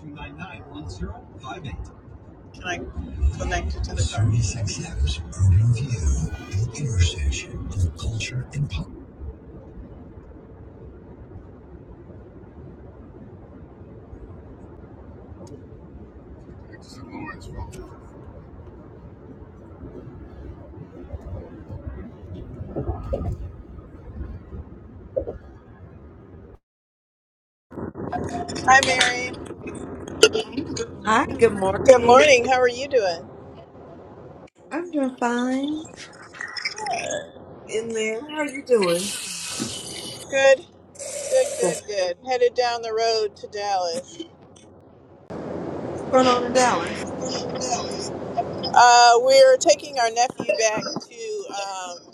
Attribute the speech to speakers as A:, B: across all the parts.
A: two nine nine one zero five eight. Can I connect it to the 36 steps are reviewed the intersection of culture and politics. Hi, Mary.
B: Hi, good
A: Good
B: morning.
A: morning. How are you doing?
B: I'm doing fine in there. How are you doing?
A: Good, good, good,
B: What's
A: good. Headed down the road to Dallas.
B: going on in Dallas?
A: Uh, we're taking our nephew back to, um,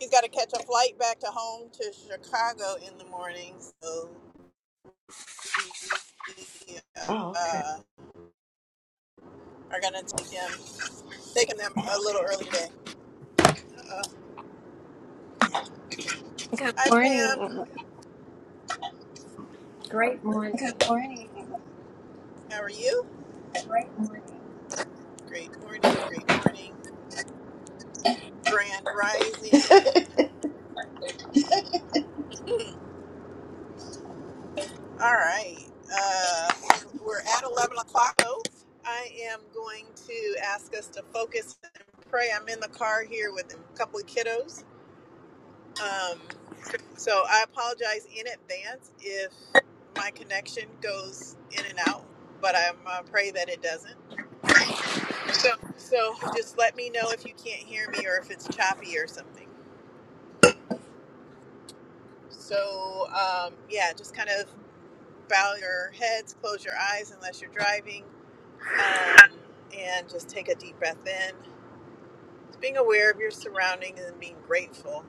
A: he's got to catch a flight back to home to Chicago in the morning. So we
B: Oh, okay.
A: uh, are going to take him, taking them a little early today. Uh,
C: Good
A: hi, Pam.
C: morning. Great
A: Good
C: morning.
A: morning. How are you? Great morning. Great morning, great morning. Grand rising. All right. Uh, we're at 11 o'clock. I am going to ask us to focus and pray. I'm in the car here with a couple of kiddos. Um, so I apologize in advance if my connection goes in and out, but I uh, pray that it doesn't. So just let me know if you can't hear me or if it's choppy or something. So, um, yeah, just kind of bow your heads, close your eyes unless you're driving, um, and just take a deep breath in. Just being aware of your surroundings and being grateful.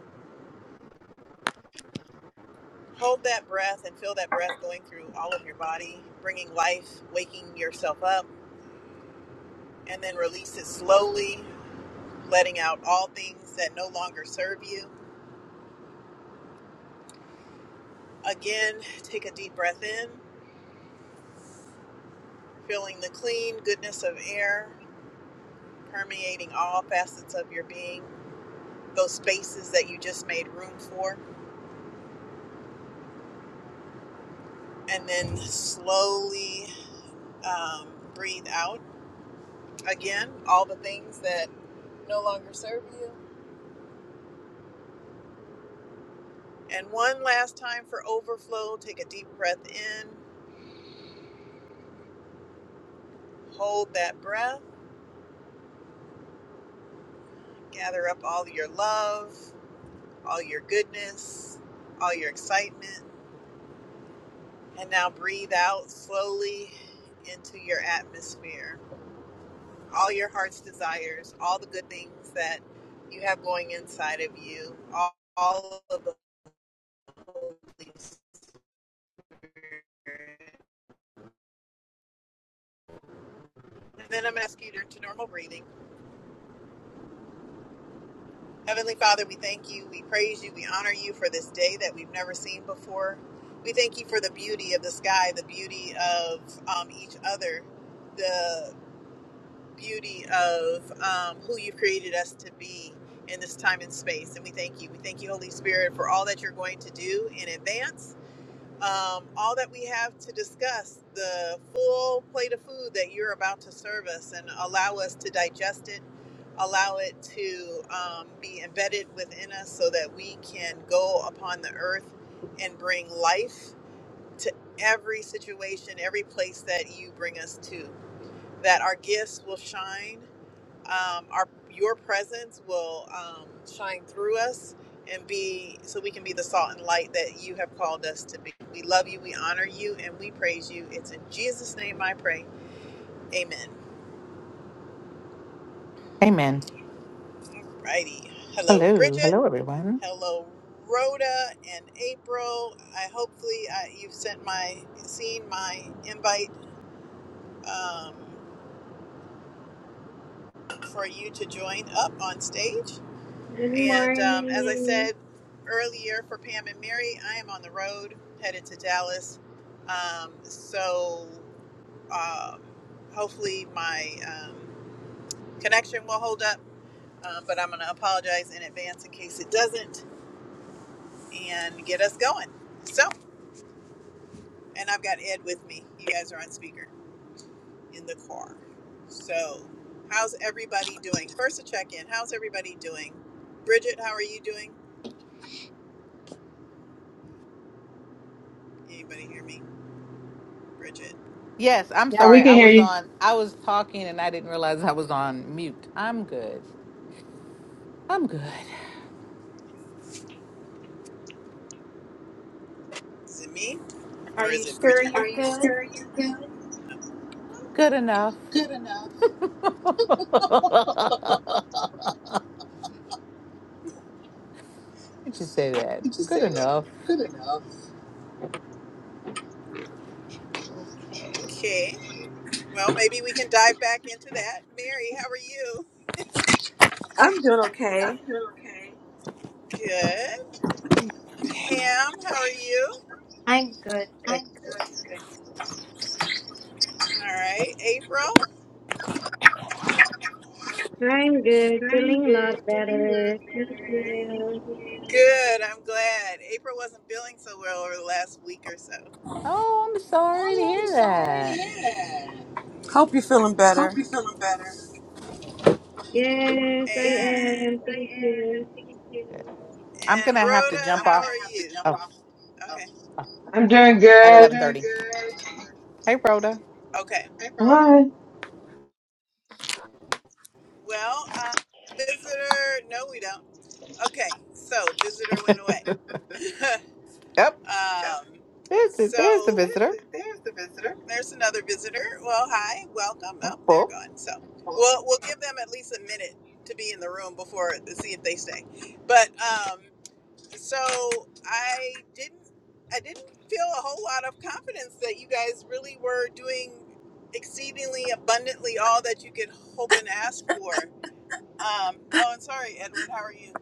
A: Hold that breath and feel that breath going through all of your body, bringing life, waking yourself up, and then release it slowly, letting out all things that no longer serve you. Again, take a deep breath in, feeling the clean goodness of air permeating all facets of your being those spaces that you just made room for, and then slowly um, breathe out again all the things that no longer serve you. And one last time for overflow, take a deep breath in, hold that breath, gather up all your love, all your goodness, all your excitement, and now breathe out slowly into your atmosphere. all your heart's desires, all the good things that you have going inside of you, all, all of the Holy Spirit. And then I'm asking you to normal breathing. Heavenly Father, we thank you, we praise you, we honor you for this day that we've never seen before. We thank you for the beauty of the sky, the beauty of um, each other, the beauty of um, who you've created us to be in this time and space. And we thank you. We thank you, Holy Spirit, for all that you're going to do in advance um, all that we have to discuss, the full plate of food that you're about to serve us, and allow us to digest it, allow it to um, be embedded within us so that we can go upon the earth and bring life to every situation, every place that you bring us to. That our gifts will shine, um, our your presence will um, shine through us and be so we can be the salt and light that you have called us to be. We love you, we honor you, and we praise you. It's in Jesus' name I pray. Amen.
D: Amen.
A: Alrighty. Hello,
D: Hello.
A: Bridget.
D: Hello, everyone.
A: Hello, Rhoda and April. I hopefully I, you've sent my seen my invite um, for you to join up on stage.
E: Good
A: And um, as I
E: morning.
A: said earlier, for Pam and Mary, I am on the road headed to Dallas. Um, so um, hopefully my um, connection will hold up, uh, but I'm going to apologize in advance in case it doesn't and get us going. So, and I've got Ed with me. You guys are on speaker in the car. So, how's everybody doing? First, a check in. How's everybody doing? Bridget, how are you doing? Anybody hear me? Bridget,
D: Yes, I'm
F: Yeah,
D: sorry.
F: we can
D: I
F: hear
D: was
F: you.
D: on, I was talking and I didn't realize I was on mute. I'm good. I'm good.
A: is it me?
C: Are
A: Or
C: you
A: is it
C: sure
A: Bridget? Are
C: you're
A: you
C: good?
A: sure you're good?
D: Good enough. Let me just say that. Good enough.
C: Okay.
A: Okay. Well, maybe we can dive back into that. Mary, how are you?
B: I'm doing okay.
A: Good.
B: Okay.
A: Pam, how are you?
C: I'm good, good, good.
A: Good. All right. April?
E: I'm good.
A: I'm
E: Feeling a
A: good.
E: lot
A: Feeling a
E: better.
A: lot
E: Thank
A: better. Thank
E: you.
A: you. Good. I'm glad. April wasn't feeling so well over the last week or so.
D: Oh, I'm sorry to hear that.
A: Yeah.
B: Hope you're feeling
A: Hope
B: better.
A: you're feeling better. And
E: Yes, I
A: Yes,
E: am.
A: I
E: Thank you.
A: am. Thank you.
D: I'm
A: and
D: going to have to
A: Rhoda, I'm
D: jump
A: how gonna
D: off
A: are have to you? jump
D: oh,
A: off. Okay.
F: I'm doing
D: at
A: I'm
F: good.
A: doing
D: 1130.
A: good.
D: Hey, Rhoda.
A: Okay. Hey, Rhoda.
F: Hi.
A: Well, uh, visitor, no, we don't. Okay, so visitor went away.
D: yep.
A: um,
D: There's the, there's the
A: so There's
D: visitor.
A: the, there's the visitor. there's another visitor. Well, hi, welcome. Oh, they're
D: Oh.
A: gone. So we'll we'll give them at least a minute to be in the room before to see if they stay. But um, so I didn't I didn't feel a whole lot of confidence that you guys really were doing exceedingly abundantly all that you could hope and ask for. Um, oh, and sorry, Edward, how are you?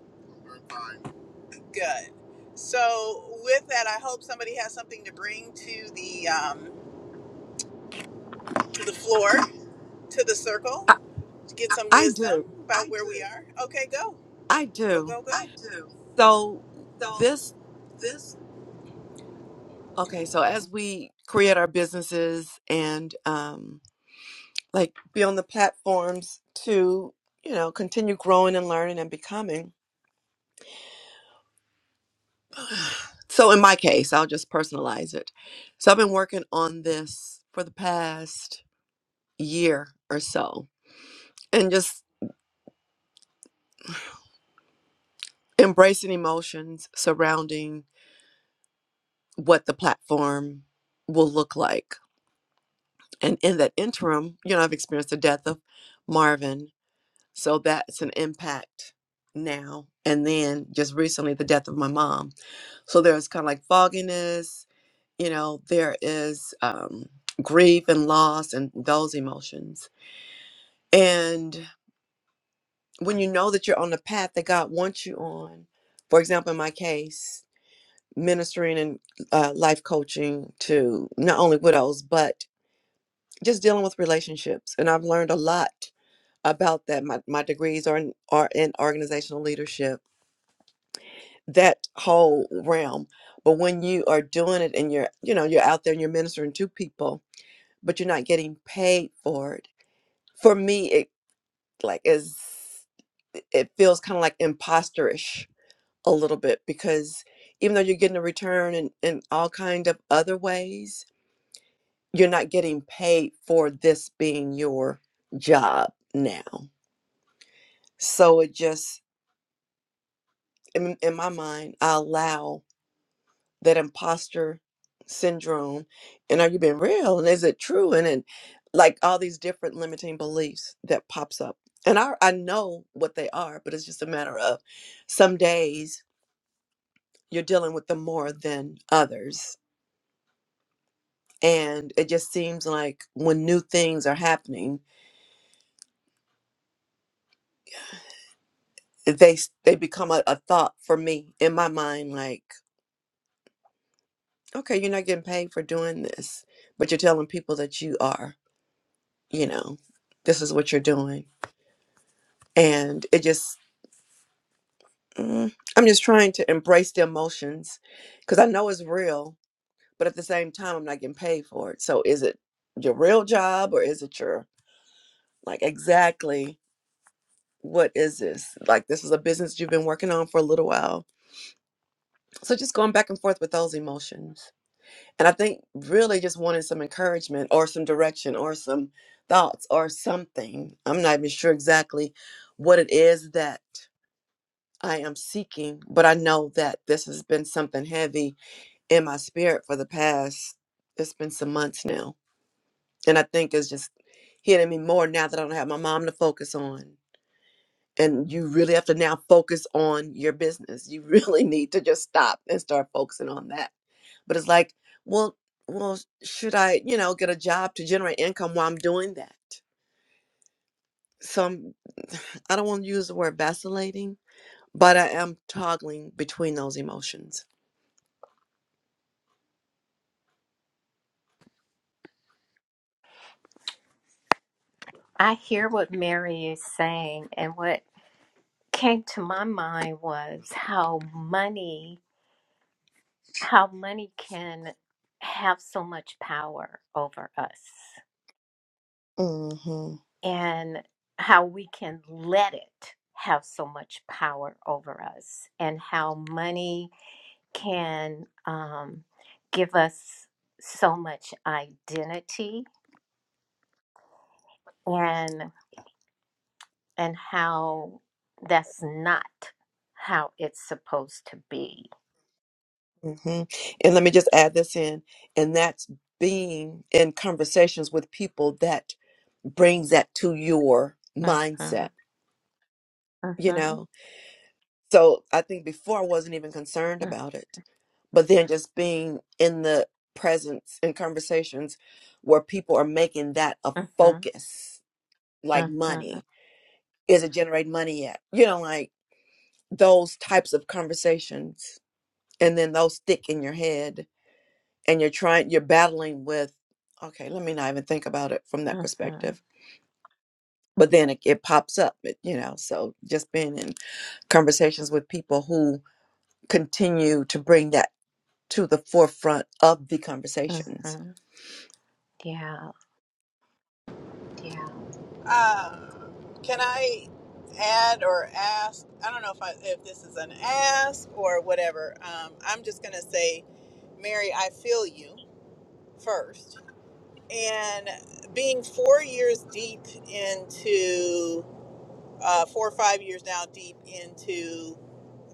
A: Good. So with that, I hope somebody has something to bring to the um, to the floor to the circle
B: I,
A: to get some
B: I do.
A: wisdom about I where we do. are. Okay, go
B: I
A: go
B: do.
A: go go. I do.
B: So
A: So
B: this
A: this.
B: okay, so as we create our businesses and um like be on the platforms to, you know, continue growing and learning and becoming. So in my case, I'll just personalize it. So I've been working on this for the past year or so and just embracing emotions surrounding what the platform will look like. And in that interim, you know, I've experienced the death of Marvin. So that's an impact now. And then just recently, the death of my mom. So there's kind of like fogginess, you know, there is um, grief and loss and those emotions. And when you know that you're on the path that God wants you on, for example, in my case, ministering and uh, life coaching to not only widows but just dealing with relationships and i've learned a lot about that my, my degrees are in, are in organizational leadership that whole realm but when you are doing it and you're you know you're out there and you're ministering to people but you're not getting paid for it for me it like is it feels kind of like imposterish a little bit because even though you're getting a return in, in all kind of other ways you're not getting paid for this being your job now. So it just, in, in my mind, I allow that imposter syndrome. And are you being real? And is it true? And then, like all these different limiting beliefs that pops up. And I, I know what they are, but it's just a matter of some days you're dealing with them more than others. And it just seems like when new things are happening, they s- they become a, a thought for me in my mind like okay you're not getting paid for doing this but you're telling people that you are you know this is what you're doing and it just mm, i'm just trying to embrace the emotions because i know it's real but at the same time i'm not getting paid for it so is it your real job or is it your like exactly what is this like this is a business you've been working on for a little while so just going back and forth with those emotions And I think really just wanted some encouragement or some direction or some thoughts or something. I'm not even sure exactly what it is that I am seeking, but I know that this has been something heavy in my spirit for the past, it's been some months now. And I think it's just hitting me more now that I don't have my mom to focus on. And you really have to now focus on your business. You really need to just stop and start focusing on that But it's like, well, well, should I, you know, get a job to generate income while I'm doing that? So I'm, I don't want to use the word vacillating, but I am toggling between those emotions.
C: I hear what Mary is saying, and what came to my mind was how money, how money can have so much power over us,
B: Mm-hmm.
C: and how we can let it have so much power over us, and how money can um, give us so much identity and and how that's not how it's supposed to be.
B: hmm And let me just add this in, and that's being in conversations with people that brings that to your
C: Mhm, mhm,
B: mindset, you
C: mhm,
B: know. So I think before I wasn't even concerned about it. But then just being in the presence in conversations where people are making that a
C: mhm,
B: focus, like
C: mhm,
B: money. Is it generating money yet? You know, like those types of conversations. And then those stick in your head and you're trying you're battling with, okay, let me not even think about it from that
C: mhm,
B: perspective. But then it, it pops up, it, you know. So just being in conversations with people who continue to bring that to the forefront of the conversations.
C: mhm. Yeah,
A: Um, can I add or ask? I don't know if I, if this is an ask or whatever. Um, I'm just gonna say, Mary, I feel you first. And being four years deep into uh, four or five years now deep into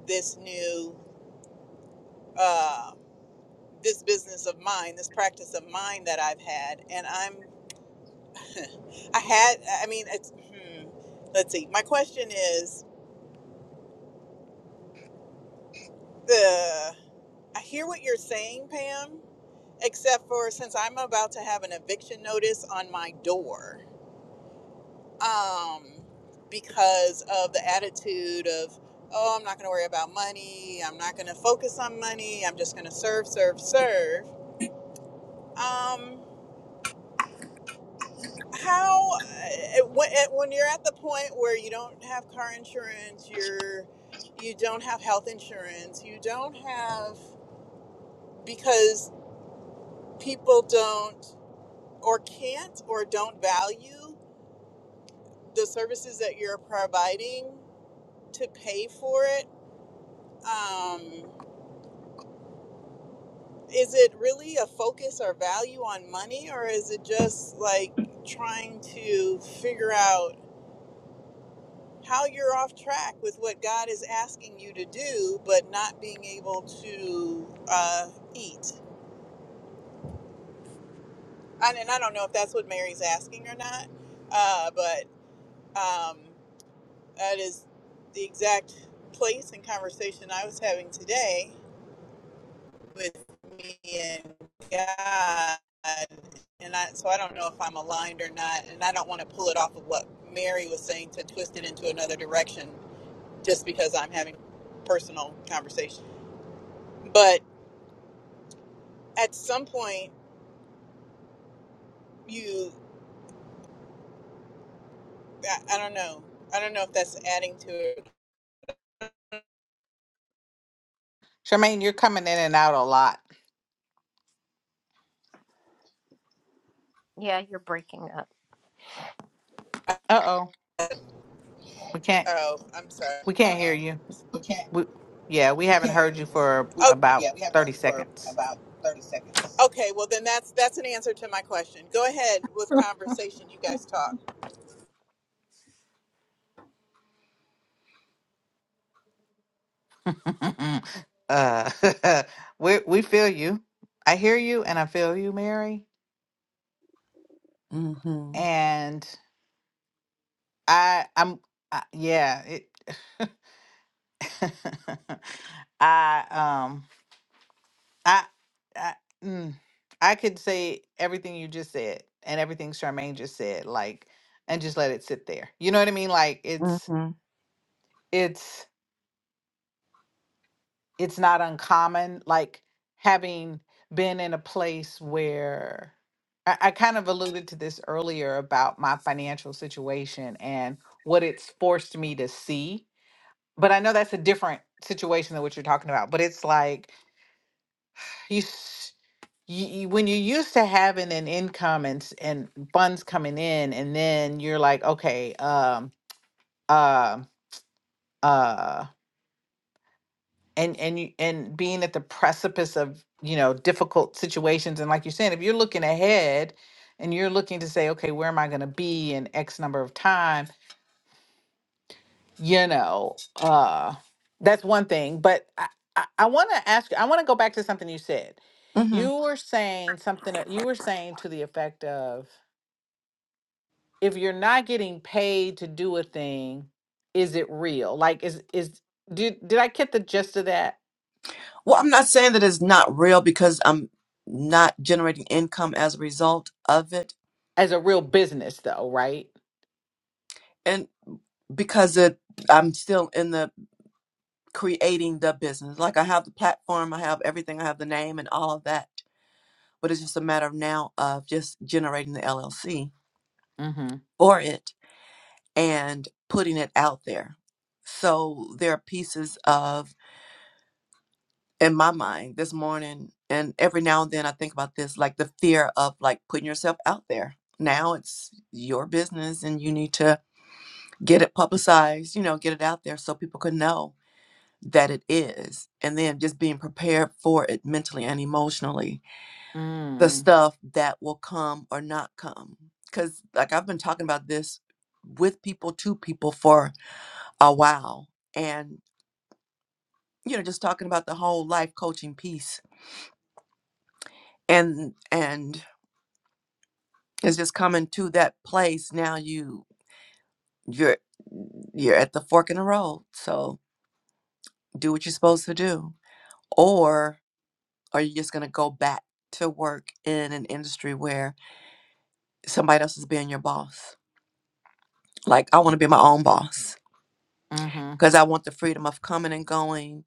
A: this new uh, this business of mine, this practice of mine that I've had, and I'm I had I mean it's hmm, let's see. My question is The I hear what you're saying, Pam, except for since I'm about to have an eviction notice on my door um, because of the attitude of, oh, I'm not going to worry about money. I'm not going to focus on money. I'm just going to serve, serve, serve. Um, how, uh, when when you're at the point where you don't have car insurance, you're, you don't have health insurance, you don't have, because people don't. or can't or don't value the services that you're providing to pay for it um, is it really a focus or value on money or is it just like trying to figure out how you're off track with what god is asking you to do but not being able to uh, eat and, and i don't know if that's what mary's asking or not uh, but um, That is the exact place and conversation I was having today with me and God. And I, so I don't know if I'm aligned or not. And I don't want to pull it off of what Mary was saying to twist it into another direction just because I'm having personal conversation. But at some point, you, I, I don't know. I don't know if that's adding to it.
D: Charmaine, you're coming in and out a lot.
C: yeah, you're breaking up.
D: Uh-oh. We can't,
A: Oh, I'm sorry.
D: we
A: Uh
D: can't hear you.
A: oh.
D: We, yeah, we
A: We
D: haven't
A: can't hear you.
D: heard
A: We,
D: you for
A: Oh,
D: about
A: yeah, we haven't heard
D: 30
A: you for
D: seconds.
A: about 30 seconds. okay. Well, then that's that's an answer to my question. Go ahead with conversation. You guys talk.
D: uh, we, we feel you. I hear you and I feel you, Mary.
B: Mm-hmm.
D: And I, I'm, I, yeah, it, I, um, I, I, mm, I could say everything you just said and everything Charmaine just said, like, and just let it sit there. You know what I mean? Like, it's,
B: Mm-hmm.
D: it's it's not uncommon like having been in a place where I, I kind of alluded to this earlier about my financial situation and what it's forced me to see but i know that's a different situation than what you're talking about but it's like you, s- you, you when you're used to having an income and s- and funds coming in and then you're like okay um um uh, and and you and being at the precipice of you know difficult situations and like you're saying if you're looking ahead and you're looking to say okay where am i going to be in x number of time you know uh that's one thing but i i, I want to ask you i want to go back to something you said
B: Mm-hmm.
D: you were saying something that- you were saying to the effect of if you're not getting paid to do a thing is it real like is is did did i get the gist of that
B: Well, I'm not saying that it's not real because I'm not generating income as a result of it,
D: as a real business though right
B: and because it, I'm still in the creating the business. Like I have the platform, I have everything, I have the name and all of that. But it's just a matter of now of just generating the LLC
D: Mm-hmm.
B: for it and putting it out there. So there are pieces of in my mind this morning and every now and then i think about this like the fear of like putting yourself out there now it's your business and you need to get it publicized you know get it out there so people can know that it is and then just being prepared for it mentally and emotionally the
D: Mm-hmm.
B: stuff that will come or not come because like i've been talking about this with people to people for a while and you know just talking about the whole life coaching piece and and It's just coming to that place now you you're you're at the fork in the road. So do what you're supposed to do. Or are you just gonna go back to work in an industry where somebody else is being your boss? Like I wanna be my own boss
D: Mm-hmm.
B: because I want the freedom of coming and going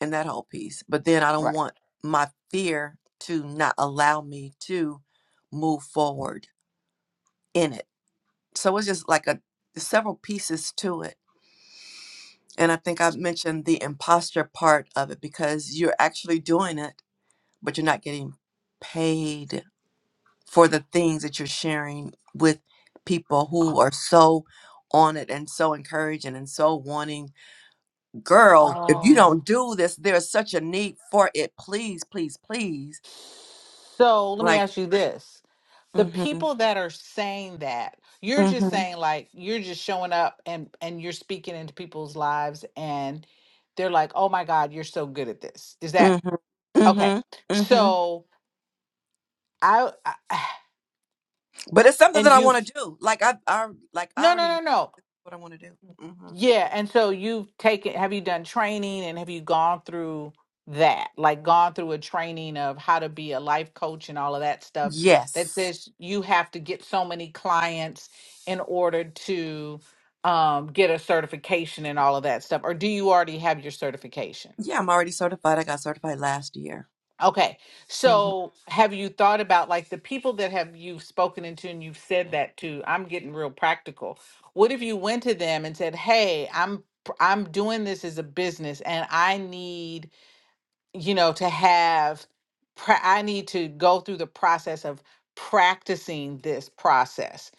B: and that whole piece. But then I don't
D: Right.
B: want my fear to not allow me to move forward in it. So it's just like a several pieces to it And I think I mentioned the imposter part of it because you're actually doing it, but you're not getting paid for the things that you're sharing with people who are so on it and so encouraging and so wanting. Girl, if you
D: Oh.
B: don't do this, there's such a need for it. Please, please, please.
D: So let me
B: Like,
D: ask you this. The
B: mm-hmm,
D: people that are saying that, you're just
B: mm-hmm,
D: saying like you're just showing up and and you're speaking into people's lives and they're like, "Oh my god, you're so good at this." Is that
B: mm-hmm,
D: okay?
B: mm-hmm, mm-hmm.
D: So, I, I
B: But it's something that
D: and
B: I
D: you
B: want to do. Like I, I, like I
D: No, no,
B: already know
D: no, no.
B: what I want to do. hmm
D: Yeah, and so you've taken, have you done training and have you gone through that? Like gone through a training of how to be a life coach and all of that stuff that
B: Yes.
D: says you have to get so many clients in order to um, get a certification and all of that stuff. Or do you already have your certification?
B: Yeah, I'm already certified. I got certified last year.
D: Okay.
B: Mm-hmm.
D: So have you thought about like the people that have you've spoken into and you've said that to? I'm getting real practical. What if you went to them and said, "Hey, I'm pr- I'm doing this as a business and I need, you know, to have pra- I need to go through the process of practicing this process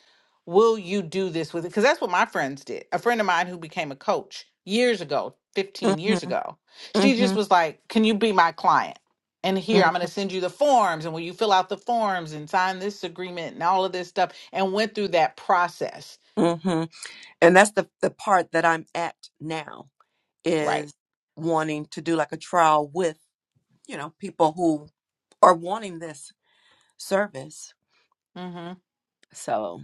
D: will you do this with it? Because that's what my friends did. A friend of mine who became a coach years ago, 15 years
B: Mm-hmm.
D: ago, she just
B: Mm-hmm.
D: was like, Can you be my client? And here, I'm going to send you the forms. And when you fill out the forms and sign this agreement and all of this stuff, and went through that process.
B: Mm-hmm. And that's the the part that I'm at now
D: Right.
B: is wanting to do like a trial with, you know, people who are wanting this service.
D: Mm-hmm.
B: So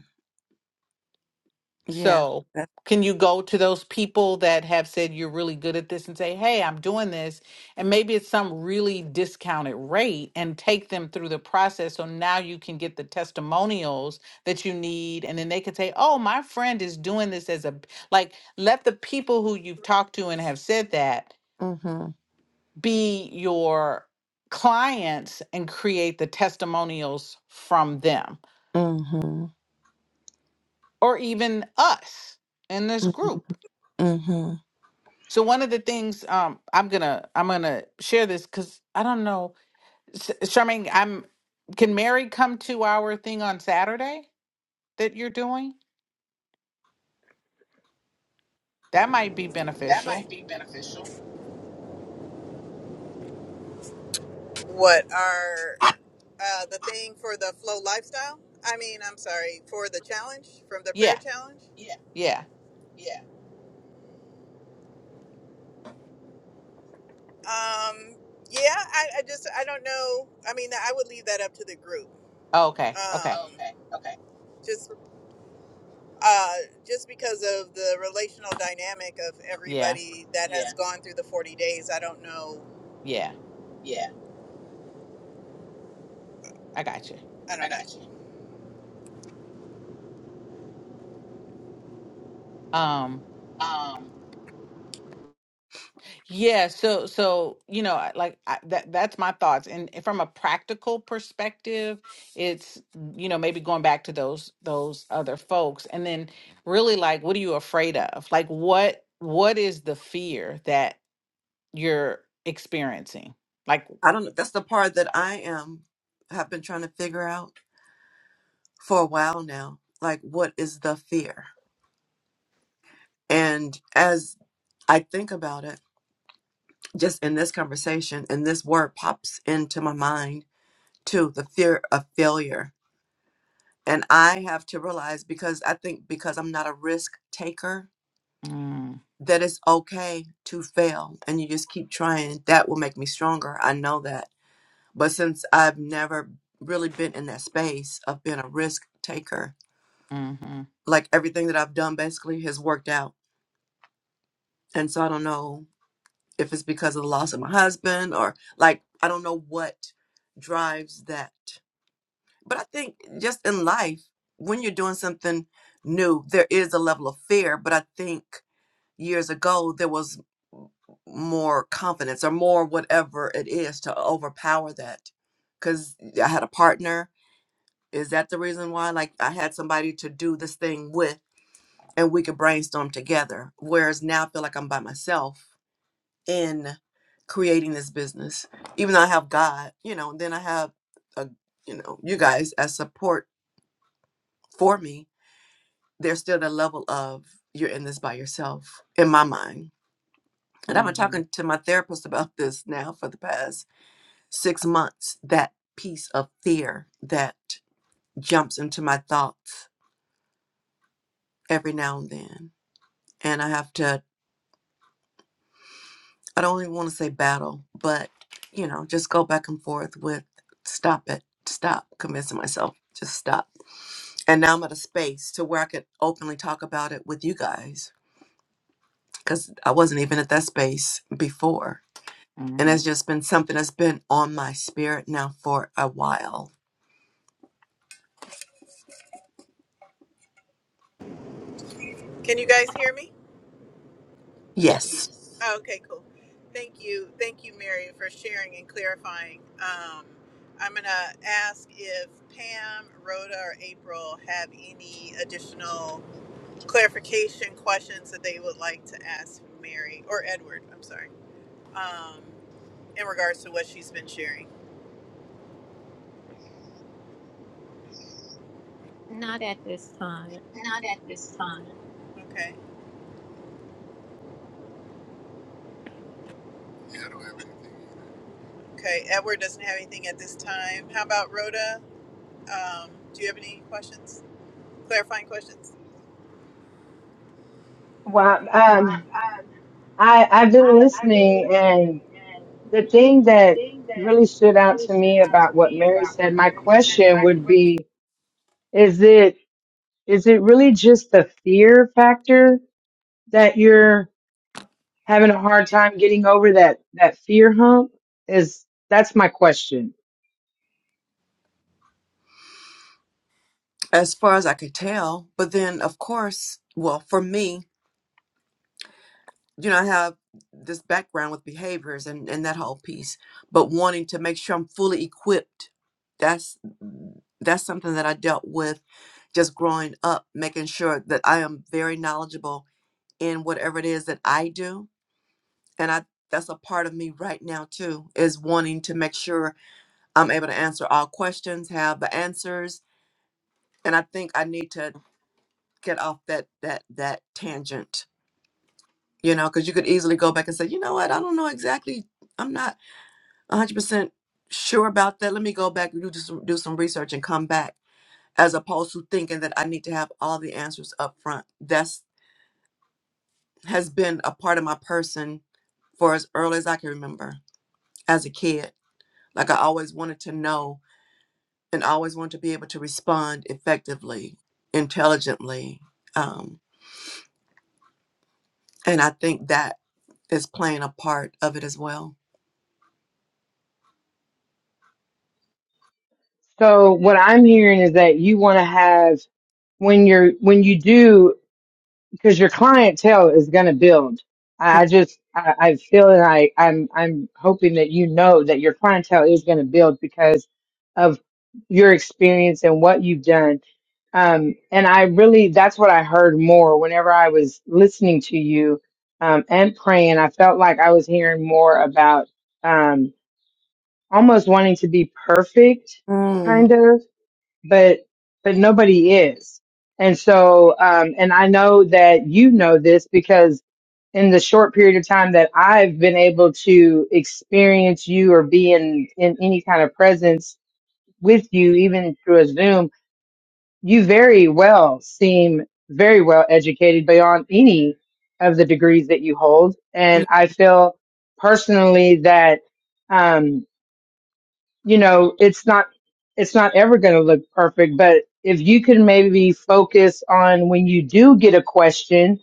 B: yeah.
D: So,
B: That's
D: can you go to those people that have said you're really good at this and say, "Hey, I'm doing this," and maybe it's some really discounted rate, and take them through the process so now you can get the testimonials that you need, and then they can say, "Oh, my friend is doing this as a b-" like." Let the people who you've talked to and have said that
B: mm-hmm.
D: be your clients and create the testimonials from them,
B: Mm-hmm.
D: or even us in this
B: Mm-hmm.
D: group
B: Mm-hmm.
D: So one of the things um I'm gonna I'm gonna share this because I don't know, S- Charmaine. I'm can Mary come to our thing on Saturday that you're doing? That might be
A: That
D: beneficial.
A: might be beneficial. What are uh, the thing for the flow lifestyle? I mean, I'm sorry for the challenge from the prayer
D: Yeah,
A: challenge. Yeah,
D: yeah.
A: yeah. Um, yeah, I, I just I don't know. I mean, I would leave that up to the group.
D: Oh, Okay, okay.
A: Um, Okay, okay. uh, just because of the relational dynamic of
D: Yeah,
A: everybody that has Yeah. gone through the 40 days. I don't know.
D: yeah.
A: Yeah,
D: I got you.
A: I don't I know. got you.
D: um.
A: Um,
D: Yeah, so so you know, I- like I, that that's my thoughts. And from a practical perspective, it's you know, maybe going back to those those other folks and then really like what are you afraid of? Like what what is the fear that you're experiencing? Like
B: I don't know. That's the part that I am have been trying to figure out for a while now. Like what is the fear? And as I think about it, just in this conversation and this word pops into my mind too the fear of failure and i have to realize because i think because i'm not a risk taker
D: mm,
B: that it's okay to fail and you just keep trying that will make me stronger i know that but since i've never really been in that space of being a risk taker
D: mhm
B: like everything that i've done basically has worked out and so i don't know if it's because of the loss of my husband or like i don't know what drives that But I think just in life, when you're doing something new, there is a level of fear. But I think years ago, there was m- more confidence or more whatever it is to overpower that. Because I had a partner. Is that the reason why? Like, I had somebody to do this thing with, and we could brainstorm together. Whereas now I feel like I'm by myself in creating this business. Even though I have God, you know, and then I have a, you know, you guys as support for me there's still that level of you're in this by yourself in my mind. And I've been
D: mhm
B: talking to my therapist about this now for the past six months that piece of fear that jumps into my thoughts every now and then. And I have to, I don't even want to say battle, but, you know, just go back and forth with stop it, stop convincing myself, just stop. And now I'm at a space to where I could openly talk about it with you guys because I wasn't even at that space before and has
D: mhm.
B: just been something that's been on my spirit now for a while.
A: Can you guys hear me?
D: Yes.
B: Yes,
A: Yes. Oh, okay, cool. Thank you. Thank you, Mary, for sharing and clarifying. Um, I'm going to ask if Pam, Rhoda, or April have any additional clarification questions that they would like to ask Mary or Edward, I'm sorry, um, in regards to what she's been sharing.
C: Not at this time.
A: Not at this time. Okay. Okay. Edward doesn't have anything at this time. How about Rhoda? Um, do you have any questions? Clarifying questions?
F: Well,
A: Well,
F: um, I I've been
A: I, I've been
F: listening, and
A: listening, and
F: the thing
A: the
F: that
A: thing that
F: really stood out
A: brings
F: to me
A: me
F: about what Mary said, my question would be: Is it is it really just the fear factor that you're having a hard time getting over that that fear hump? Is that's my question.
B: as far as I could tell. But then, of course, well, for me, you know, I have this background with behaviors and, and that whole piece, but wanting to make sure I'm fully equipped. That's that's something that I dealt with just growing up, making sure that I am very knowledgeable in whatever it is that I do. And I that's a part of me right now too, is wanting to make sure I'm able to answer all questions, have the answers, and I think I need to get off that that that tangent. You know, because you could easily go back and say, you know what, I don't know exactly. I'm not 100 percent sure about that. Let me go back and do just do some research and come back, as opposed to thinking that I need to have all the answers up front. That's has been a part of my person for as early as I can remember as a kid. Like I always wanted to know and always want to be able to respond effectively, intelligently. Um, and I think that is playing a part of it as well.
F: So what I'm hearing is that you want to have when you're when you do because your clientele is going to build. I I just, I, I feel that I, I'm, I'm hoping that you know that your clientele is going to build because of your experience and what you've done. Um, and I really, that's what I heard more whenever I was listening to you, um, and praying. I felt like I was hearing more about, um, almost wanting to be perfect,
B: Mm,
F: kind of but but nobody is. And so, um, and I know that you know this because in the short period of time that I've been able to experience you or be in in any kind of presence with you, even through a Zoom, you very well seem very well educated beyond any of the degrees that you hold. And
B: mm,
F: I feel personally that. um, you know, it's not it's not ever going to look perfect, but if you can maybe focus on when you do get a question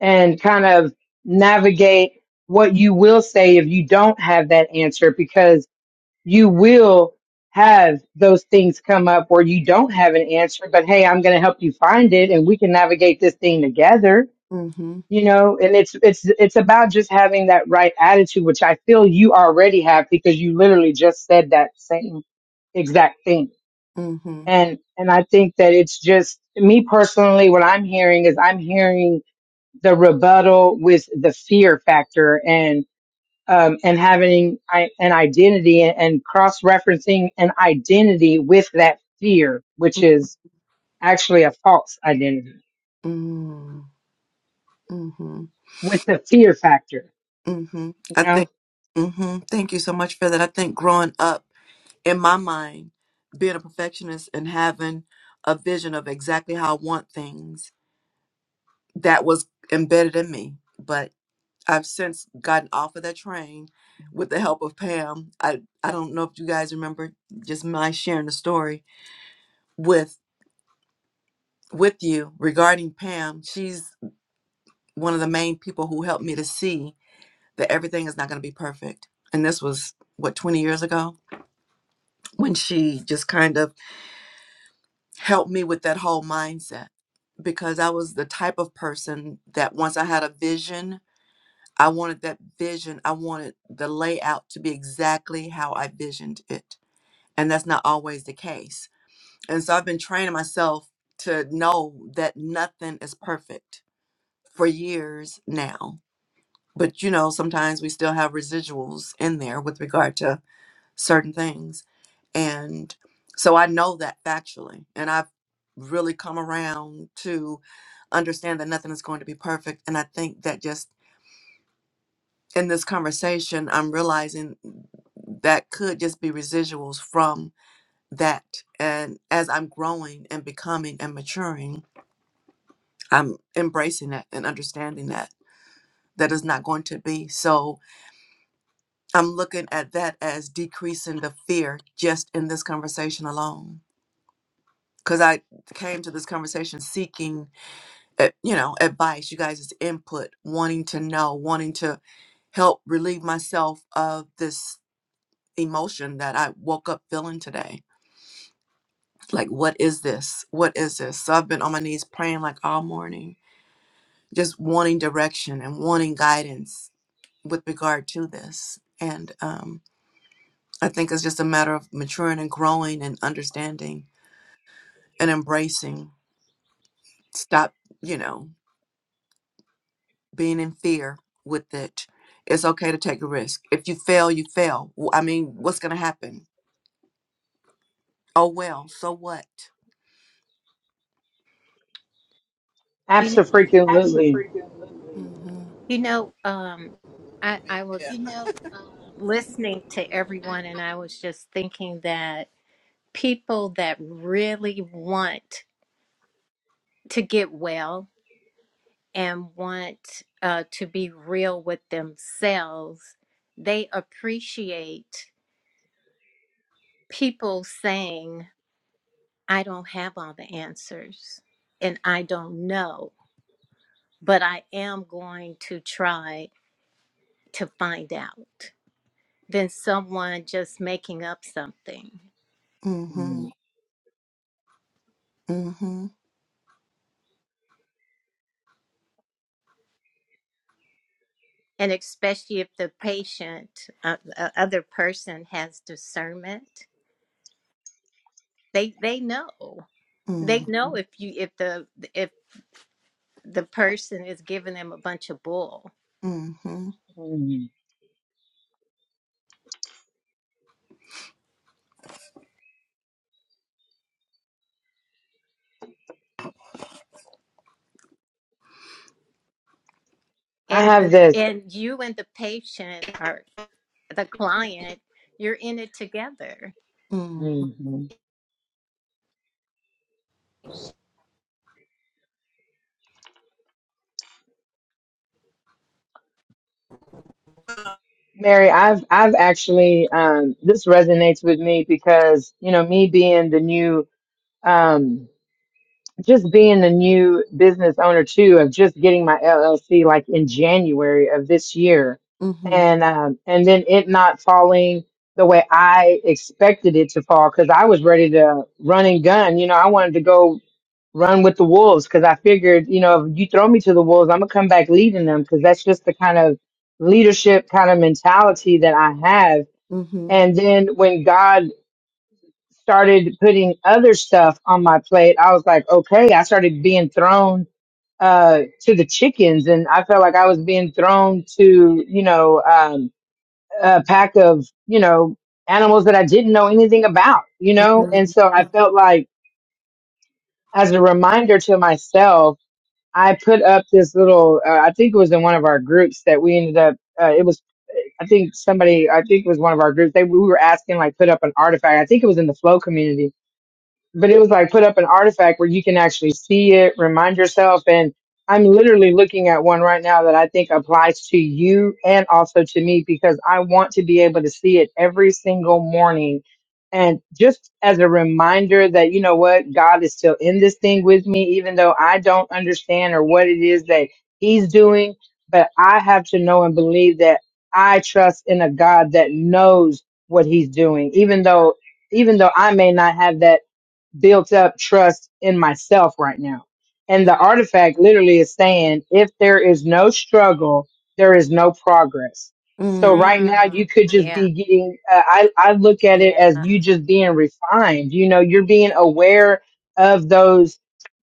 F: and kind of navigate what you will say if you don't have that answer because you will have those things come up where you don't have an answer, but hey, I'm going to help you find it and we can navigate this thing together
B: mhm,
F: you know and it's it's it's about just having that right attitude which i feel you already have because you literally just said that same exact thing
B: mhm,
F: and and i think that it's just me personally what i'm hearing is i'm hearing the rebuttal with the fear factor and um and having I, an identity and, and cross referencing an identity with that fear which is actually a false identity
B: mm, mhm,
F: with the fear factor
B: mhm.
F: you
B: I
F: know
B: think, hmm thank you so much for that. I think growing up in my mind, being a perfectionist and having a vision of exactly how I want things, that was embedded in me. but. I've since gotten off of that train with the help of Pam. I, I don't know if you guys remember just my sharing the story with with you regarding Pam. She's one of the main people who helped me to see that everything is not going to be perfect. And this was what 20 years ago when she just kind of helped me with that whole mindset because I was the type of person that once I had a vision, I wanted that vision, I wanted the layout to be exactly how I visioned it and that's not always the case. And so I've been training myself to know that nothing is perfect for years now. But you know, sometimes we still have residuals in there with regard to certain things. And so I know that factually. And I've really come around to understand that nothing is going to be perfect. And I think that just in this conversation, I'm realizing that could just be residuals from. that and as i'm growing and becoming and maturing i'm embracing that and understanding that that is not going to be so i'm looking at that as decreasing the fear just in this conversation alone because i came to this conversation seeking eh, you know advice you guys' input wanting to know wanting to help relieve myself of this emotion that i woke up feeling today like what is this what is this so i've been on my knees praying like all morning just wanting direction and wanting guidance with regard to this. And um, I think it's just a matter of maturing and growing and understanding and embracing. Stop, you know, being in fear with it. It's okay to take a risk. If you fail, you fail. W- I mean, what's going to happen? Oh, well, so what?
C: You know,
A: extra
F: absolutely
A: freaking lately.
B: Mm-hmm.
C: you know. Um, I I was
A: Yeah. You know, um,
C: listening to
A: I,
C: everyone, and I was just thinking that people that really want to get well and want uh, to be real with themselves, they appreciate people saying, I don't have all the answers and I don't know, but I am going to try to find out than someone just making up something.
B: Mm-hmm.
F: mm,
B: Mm-hmm.
C: And especially if the patient, uh, uh, other person has discernment, they, they know they
B: Mm-hmm.
C: know if you if the if the person is giving them a bunch of bull
B: Mm-hmm.
F: mm, I
C: and
F: have this,
C: and you and the patient or the client you're in it together
B: Mm-hmm.
F: mhm,
A: I,
F: Mary. I've I've actually um, this resonates with me because you know me being the new, um, just being the new business owner too of just getting my LLC like in January of this year,
B: Mm-hmm.
F: and um, and then it not falling the way I expected it to fall because I was ready to run and gun. You know, I wanted to go run with the wolves because I figured, you know, if you throw me to the wolves, I'm gonna come back leading them because that's just the kind of leadership kind of mentality that I have.
B: Mm-hmm.
F: And then when God started putting other stuff on my plate, I was like, okay, I started being thrown uh to the chickens and I felt like I was being thrown to, you know, um a pack of, you know, animals that I didn't know anything about, you know?
B: Mm-hmm.
F: And so I felt like as a reminder to myself I put up this little, uh, I think it was in one of our groups that we ended up, uh, it was, I think somebody, I think it was one of our groups. They, we were asking, like, put up an artifact. I think it was in the flow community but it was like put up an artifact where you can actually see it, remind yourself. And I'm literally looking at one right now that I think applies to you and also to me because I want to be able to see it every single morning. And just as a reminder that, you know what, God is still in this thing with me, even though I don't understand or what it is that He's doing. But I have to know and believe that I trust in a God that knows what He's doing, even though, even though I may not have that built up trust in myself right now. And the artifact literally is saying if there is no struggle, there is no progress. So
B: Mm-hmm.
F: right now you
C: Mm,
F: could just
C: yeah
F: be getting, uh, I, I look at it
C: yeah
F: as you just being refined. You know, you're being aware of those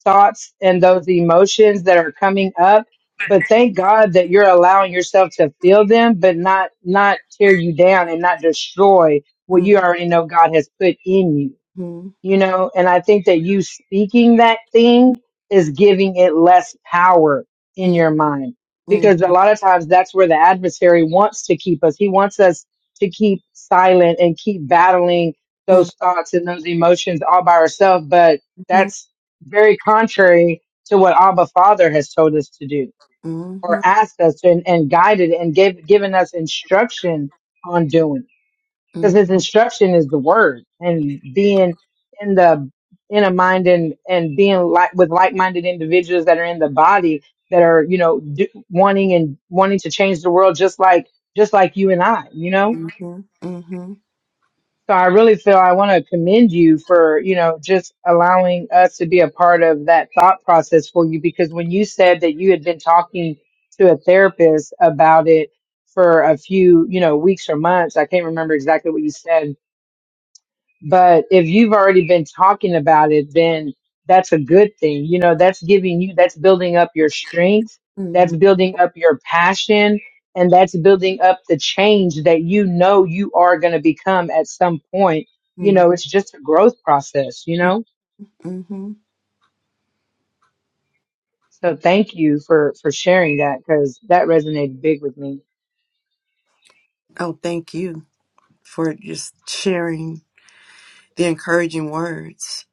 F: thoughts and those emotions that are coming up. But thank God that you're allowing yourself to feel them, but not, not tear you down and not destroy what you already know God has put in you
B: Mm-hmm.
F: you know and i think that you speaking that thing is giving it less power in your mind
B: Mm-hmm.
F: because a lot of times that's where the adversary wants to keep us he wants us to keep silent and keep battling
B: Mm-hmm.
F: those thoughts and those emotions all by ourselves but
B: Mm-hmm.
F: that's very contrary to what abba father has told us to do or
B: Mm-hmm.
F: asked us and, and guided and gave given us instruction on doing because his instruction is the word and being in the in a mind and and being like with like-minded individuals that are in the body that are you know do, wanting and wanting to change the world just like just like you and I you know
B: Mm-hmm. Mm-hmm.
F: so I really feel I want to commend you for you know just allowing us to be a part of that thought process for you because when you said that you had been talking to a therapist about it for a few you know weeks or months I can't remember exactly what you said but if you've already been talking about it, then that's a good thing. You know, that's giving you, that's building up your strength,
B: Mm-hmm.
F: that's building up your passion, and that's building up the change that you know you are going to become at some point. You know, it's just a growth process, you know?
B: mm-hmm.
F: So thank you for, for sharing that because that resonated big with me.
B: Oh, thank you for just sharing the encouraging words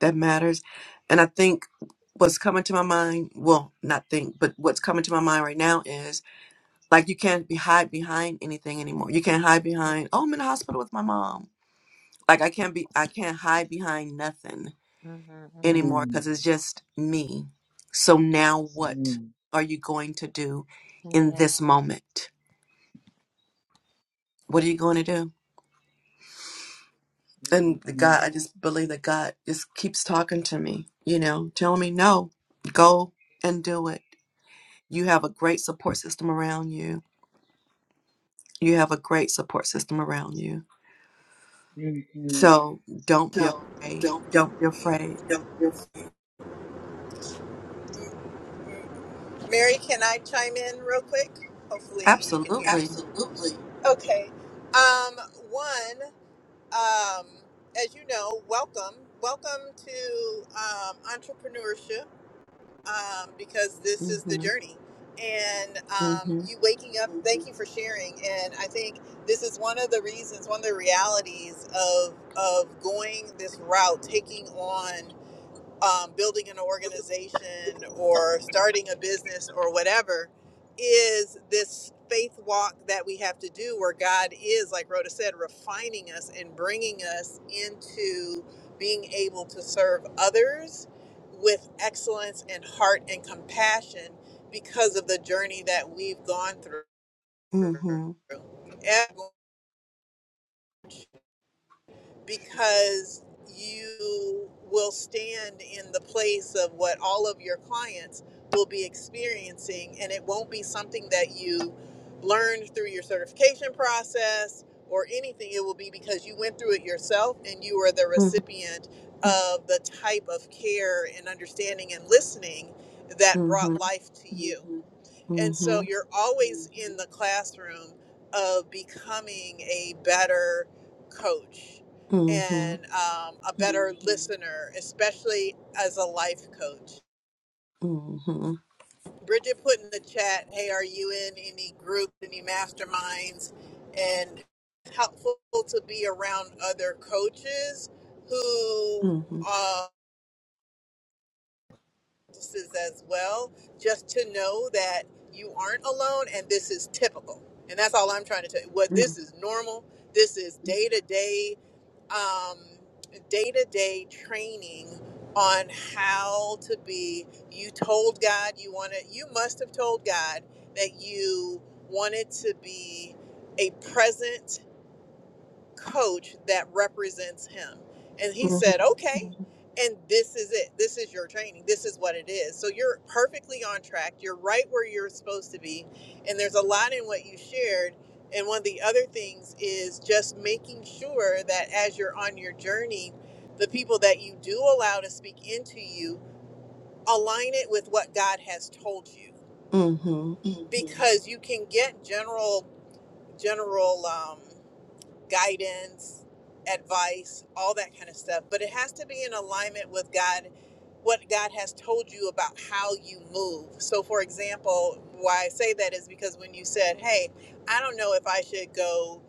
B: that matters. And I think what's coming to my mind, well, not think, but what's coming to my mind right now is like you can't be hide behind anything anymore. You can't hide behind, oh, I'm in the hospital with my mom. Like I can't be I can't hide behind nothing
C: mhm,
B: anymore
F: Mm,
B: because it's just me. So now what
F: mm, mm,
B: are you going to do in
C: yeah
B: this moment? What are you going to do? And the
F: mm,
B: God,
C: yeah
B: I just believe that God just keeps talking to me, you know, telling me, no, go and do it. You have a great support system around you. You have a great support system around you.
F: mm, mm.
B: So don't be afraid. Don't be afraid.
A: Mary, can I chime in real quick? Hopefully you can hear me.
B: Absolutely.
A: Absolutely. Okay. Um, one, um, as you know, welcome. Welcome to um, entrepreneurship. um, because this is the
B: Mm-hmm.
A: journey. And um,
B: Mm-hmm.
A: you waking up, thank you for sharing. And I think this is one of the reasons, one of the realities of of going this route, taking on um, building an organization or starting a business or whatever is this faith walk that we have to do where God is, like Rhoda said, refining us and bringing us into being able to serve others with excellence and heart and compassion because of the journey that we've gone through
B: Mm-hmm.
A: because you will stand in the place of what all of your clients will be experiencing and it won't be something that you learned through your certification process or anything it will be because you went through it yourself and you were the
B: Mm-hmm.
A: recipient of the type of care and understanding and listening that brought
B: Mm-hmm.
A: life to you and
B: Mm-hmm.
A: so you're always in the classroom of becoming a better coach
B: Mm-hmm.
A: and um, a better listener, especially as a life coach.
B: Mm-hmm.
A: Bridget put in the chat, hey, are you in any group, any masterminds? And helpful to be around other coaches who
B: Mm-hmm.
A: uh, practices as well, just to know that you aren't alone and this is typical. And that's all I'm trying to tell you. What
B: Mm-hmm.
A: this is normal. This is day to day, um, day to day training on how to be. You told God you wanted. You must have told God that you wanted to be a present coach that represents him. And he said, okay. And this is it. This is your training. This is what it is. So you're perfectly on track. You're right where you're supposed to be. And there's a lot in what you shared. And one of the other things is just making sure that as you're on your journey, the people that you do allow to speak into you align it with what God has told you.
B: Mm-hmm.
A: Mhm. Because you can get general, general, um, guidance, advice, all that kind of stuff. But it has to be in alignment with God, what God has told you about how you move. So, for example, why I say that is because when you said, Hey, I don't know if I should go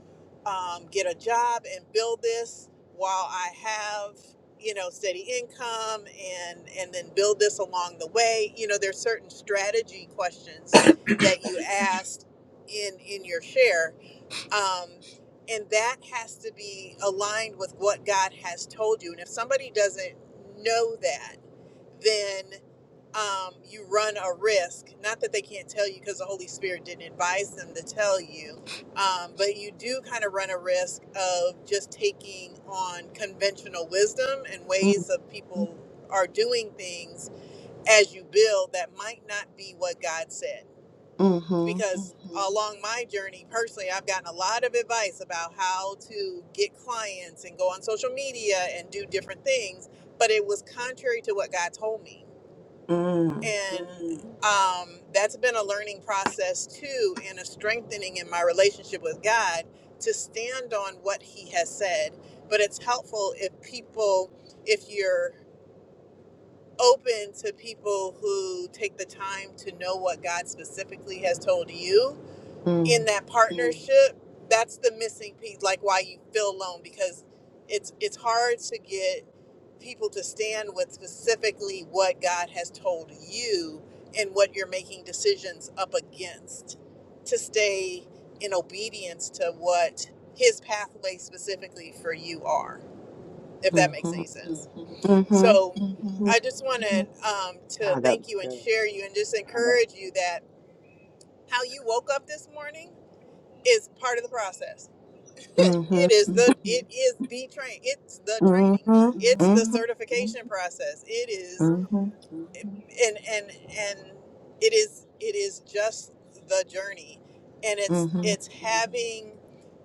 A: um, get a job and build this while I have you know steady income and and then build this along the way you know there's certain strategy questions that you asked in in your share um, and that has to be aligned with what God has told you. And if somebody doesn't know that, then um, you run a risk. Not that they can't tell you because the Holy Spirit didn't advise them to tell you, um, but you do kind of run a risk of just taking on conventional wisdom and
B: Mm,
A: ways of people are doing things as you build that might not be what God said
B: mhm,
A: because along my journey personally i've gotten a lot of advice about how to get clients and go on social media and do different things but it was contrary to what god told me
B: mm,
A: and Mm. um, that's been a learning process too and a strengthening in my relationship with god to stand on what he has said but it's helpful if people if you're open to people who take the time to know what god specifically has told you in
B: mm,
A: that partnership that's the missing piece like why you feel alone because it's it's hard to get people to stand with specifically what god has told you and what you're making decisions up against to stay in obedience to what his pathway specifically for you are if that makes
B: mhm,
A: any sense
B: mhm, mhm,
A: so I just wanted um, to
F: God, that
A: thank
F: was
A: you and
F: good.
A: share you and just encourage you that how you woke up this morning is part of the process.
B: mhm,
A: It is the it is the train. It's the
B: mhm, mhm,
A: training.
B: mhm,
A: It's
B: mhm,
A: the certification process. It is
B: mhm,
A: and and and it is it is just the journey and it's
B: mhm, mhm,
A: it's having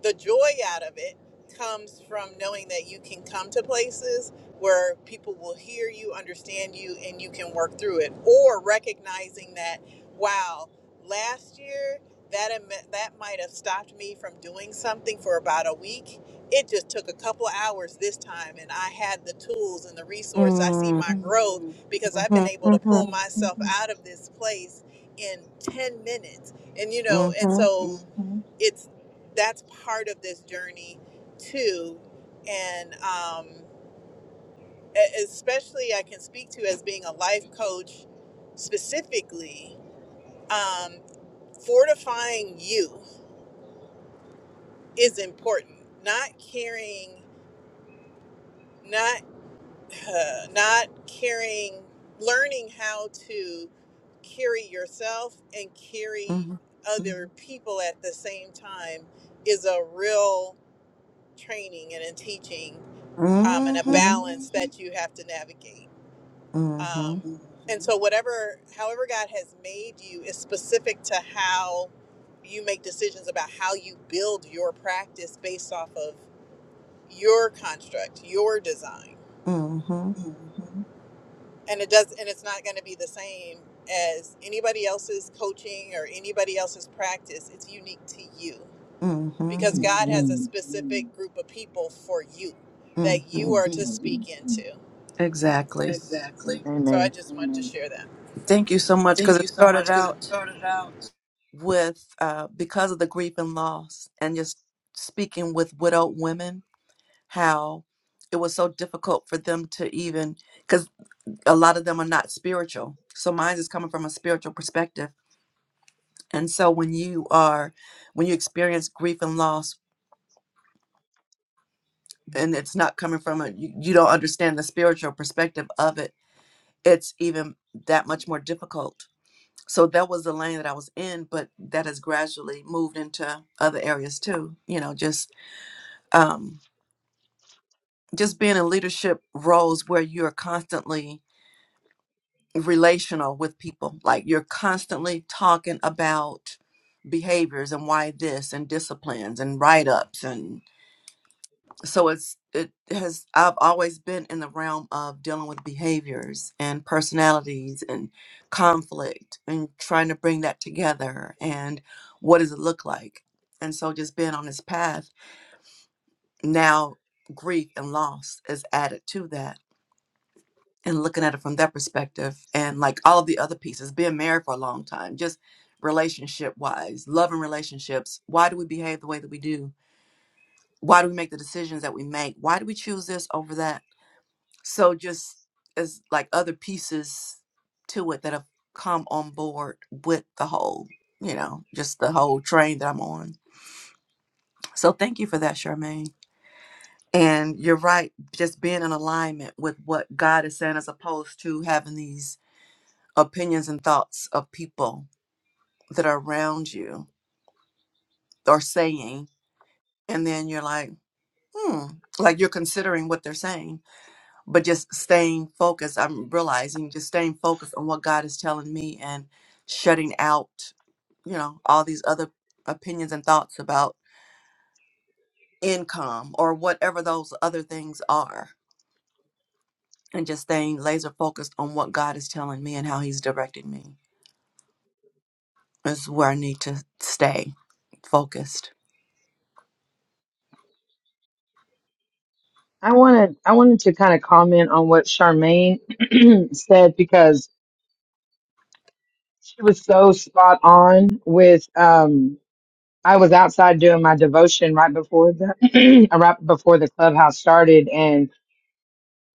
A: the joy out of it comes from knowing that you can come to places where people will hear you understand you and you can work through it or recognizing that wow last year that am- that might have stopped me from doing something for about a week it just took a couple hours this time and i had the tools and the resource i see
B: mhm, mhm,
A: my growth because I've been
B: mhm,
A: able to pull myself out of this place in 10 minutes. And you know, and so Mhm. it's that's part of this journey too. And um e- especially I can speak to as being a life coach specifically, um fortifying you is important. Not carrying not uh, not carrying, learning how to carry yourself and carry other people at the same time is a real training and a teaching
B: mhm,
A: um, and a balance that you have to navigate. Um, and so, whatever, however, God has made you is specific to how you make decisions about how you build your practice based off of your construct, your design.
B: mhm,
A: and it does and it's not going to be the same as anybody else's coaching or anybody else's practice it's unique to you
B: mhm,
A: because
F: Mm,
A: god has a Mhm.
F: mm,
A: specific group of people for you that you
B: mhm.
F: mm,
A: are to Mhm.
F: mm.
A: speak into
B: Exactly.
A: Exactly. so
F: Amen.
A: i just wanted to share that
B: Thank you so much because
A: Thank you
B: it
A: so much
B: started
A: because it
B: out
A: started out.
B: with uh, because of the grief and loss, and just speaking with widowed women how it was so difficult for them to even because a lot of them are not spiritual so mine is coming from a spiritual perspective and so when you are when you experience grief and loss and it's not coming from a you, you don't understand the spiritual perspective of it it's even that much more difficult so that was the lane that i was in but that has gradually moved into other areas too you know just um just being in leadership roles where you're constantly relational with people. Like you're constantly talking about behaviors and why this and disciplines and write ups and so it's it has I've always been in the realm of dealing with behaviors and personalities and conflict and trying to bring that together and what does it look like? And so just being on this path now grief and loss is added to that and looking at it from that perspective and like all of the other pieces being married for a long time just relationship wise love and relationships why do we behave the way that we do why do we make the decisions that we make why do we choose this over that so just as like other pieces to it that have come on board with the whole you know just the whole train that i'm on so thank you for that charmaine and you're right just being in alignment with what god is saying as opposed to having these opinions and thoughts of people that are around you are saying, and then you're like, hmm, like you're considering what they're saying, but just staying focused. I'm realizing just staying focused on what God is telling me and shutting out, you know, all these other opinions and thoughts about income or whatever those other things are, and just staying laser focused on what God is telling me and how He's directing me. This is where I need to stay focused.
F: I wanted I wanted to kind of comment on what Charmaine said because she was so spot on with um I was outside doing my devotion right before the right before the clubhouse started and.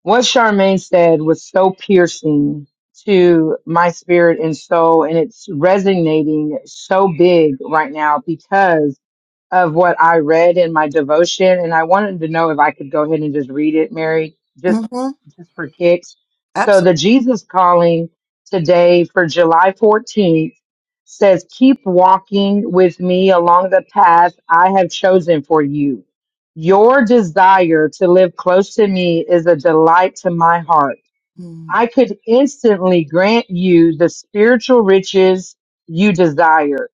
F: What Charmaine said was so piercing to my spirit and soul, and it's resonating so big right now because of what I read in my devotion. And I wanted to know if I could go ahead and just read it, Mary, just
B: Mm-hmm.
F: just for kicks. So
B: Absolutely.
F: the Jesus calling today for July 14th says, "Keep walking with me along the path I have chosen for you." Your desire to live close to me is a delight to my heart. I
B: Mm.
F: could instantly grant you the spiritual riches you desire,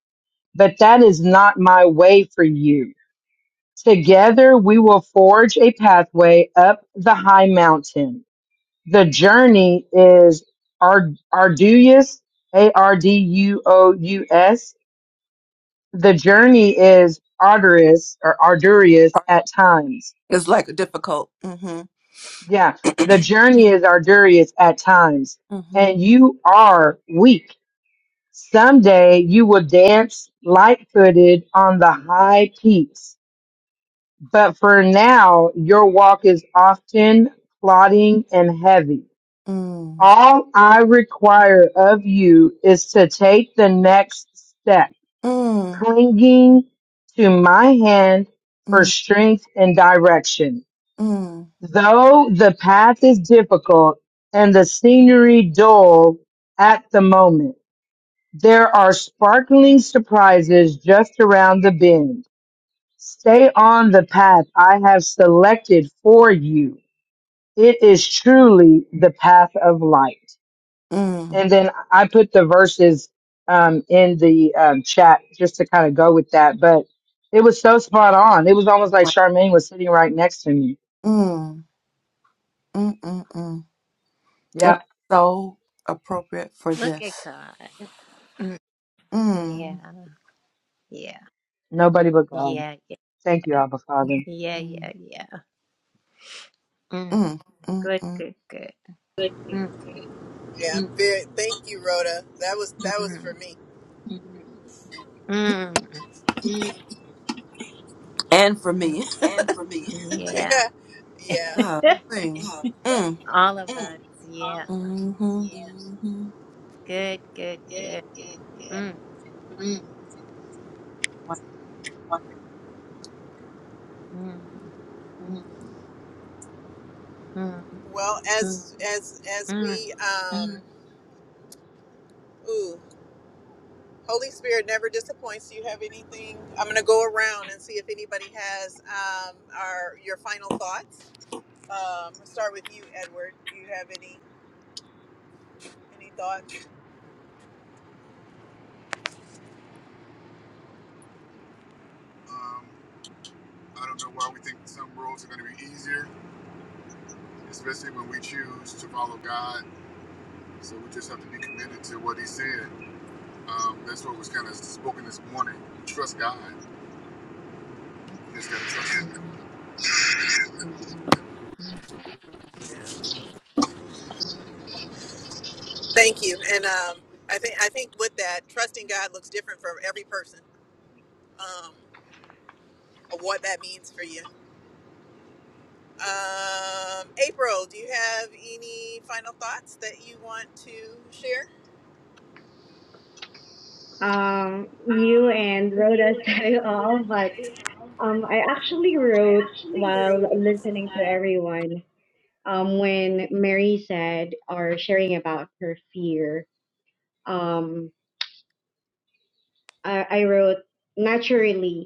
F: but that is not my way for you. Together we will forge a pathway up the high mountain. The journey is ar- arduous, A-R-D-U-O-U-S. The journey is arduous or arduous at times
B: It's like a difficult. Mm-hmm.
F: Yeah, the journey is arduous at times,
B: Mm-hmm.
F: and you are weak. Someday you will dance light footed on the high peaks, but for now your walk is often plodding and heavy.
B: Mm.
F: All I require of you is to take the next step,
B: Mm.
F: clinging to my hand for
B: Mm.
F: strength and direction.
B: Mm.
F: Though the path is difficult and the scenery dull at the moment, there are sparkling surprises just around the bend. Stay on the path I have selected for you. It is truly the path of light.
B: Mm.
F: And then I put the verses um, in the um, chat just to kind of go with that. But it was so spot on. It was almost like
B: Right.
F: Charmaine was sitting right next to me.
B: Mm. Mm. Mm. Mm. That
F: Yeah,
B: is so appropriate for
C: look at
B: this.
C: god yeah
B: Mm.
C: yeah
F: nobody but God.
C: yeah yeah
F: Thank you, Abba Father.
B: Mm.
C: yeah
B: Mm.
C: yeah yeah mm,
B: Mm. Mm.
C: good
B: mm.
C: good good
A: Thank you.
C: mm,
A: yeah Mm, very, thank you rhoda that was that was for
C: mm,
A: me
C: mm,
A: mm,
B: And for
C: mm,
B: me.
A: and for me.
C: yeah
A: yeah yeah
B: God.
A: Yeah.
B: Mm.
C: all of us
A: Mm,
C: yeah
B: Mm-hmm.
A: Yes. mhm,
C: good good good mm, mm,
A: mm,
C: mm.
A: Well, as as as
C: Mm,
A: we um ooh, Holy Spirit never disappoints. Do you have anything? I'm gonna go around and see if anybody has um our your final thoughts. Um we'll start with you, Edward. Do you have any any thoughts? Um, I don't know why we think some roads are going to be easier, especially when we choose to follow God. So we just have to be committed to what He said. Um, that's what was kind of spoken this morning. Trust God. You just got to trust Him. Thank you. And um, I think I think with that, trusting God looks different for every person. Um, of what that means for you. Um, April, do you have any final thoughts that you want to share?
E: Um, you
A: Um,
E: and Rhoda
A: you
E: said
A: and
E: it all,
A: Rhoda
E: but
A: said it well,
E: um,
A: but
E: I actually
A: um, I
E: wrote
A: actually
E: while
A: wrote
E: listening to
A: that.
E: everyone. Um, when Mary said or sharing about her fear, um, I, I wrote naturally.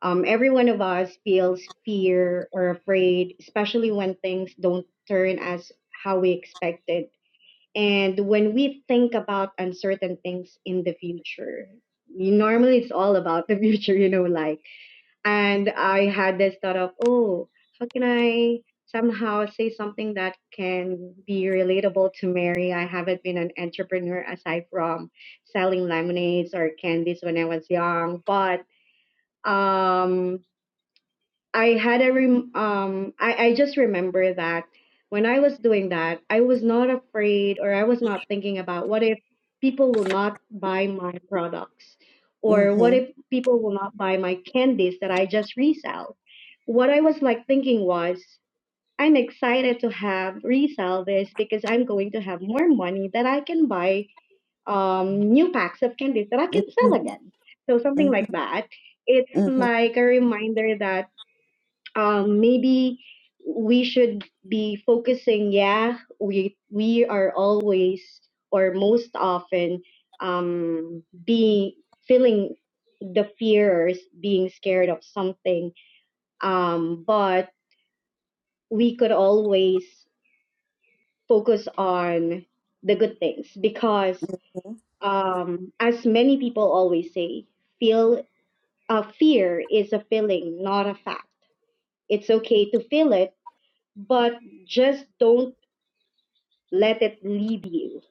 E: Um, every one of us feels fear or afraid, especially when things don't turn as how we expected. And when we think about uncertain things in the future, you- normally it's all about the future, you know, like, and I had this thought of, oh, how can I somehow say something that can be relatable to Mary? I haven't been an entrepreneur aside from selling lemonades or candies when I was young, but um I had a rem- um I, I just remember that when I was doing that, I was not afraid or I was not thinking about what if people will not buy my products or
B: Mm-hmm.
E: what if people will not buy my candies that I just resell. What I was like thinking was I'm excited to have resell this because I'm going to have more money that I can buy um new packs of candies that I can
B: Mm-hmm.
E: sell again. So something
B: Mm-hmm.
E: like that. It's
B: Mm-hmm.
E: like a reminder that um, maybe we should be focusing. Yeah, we we are always or most often um, being feeling the fears, being scared of something. Um, but we could always focus on the good things because, um, as many people always say, feel uh, fear is a feeling, not a fact. It's okay to feel it, but just don't Let it lead you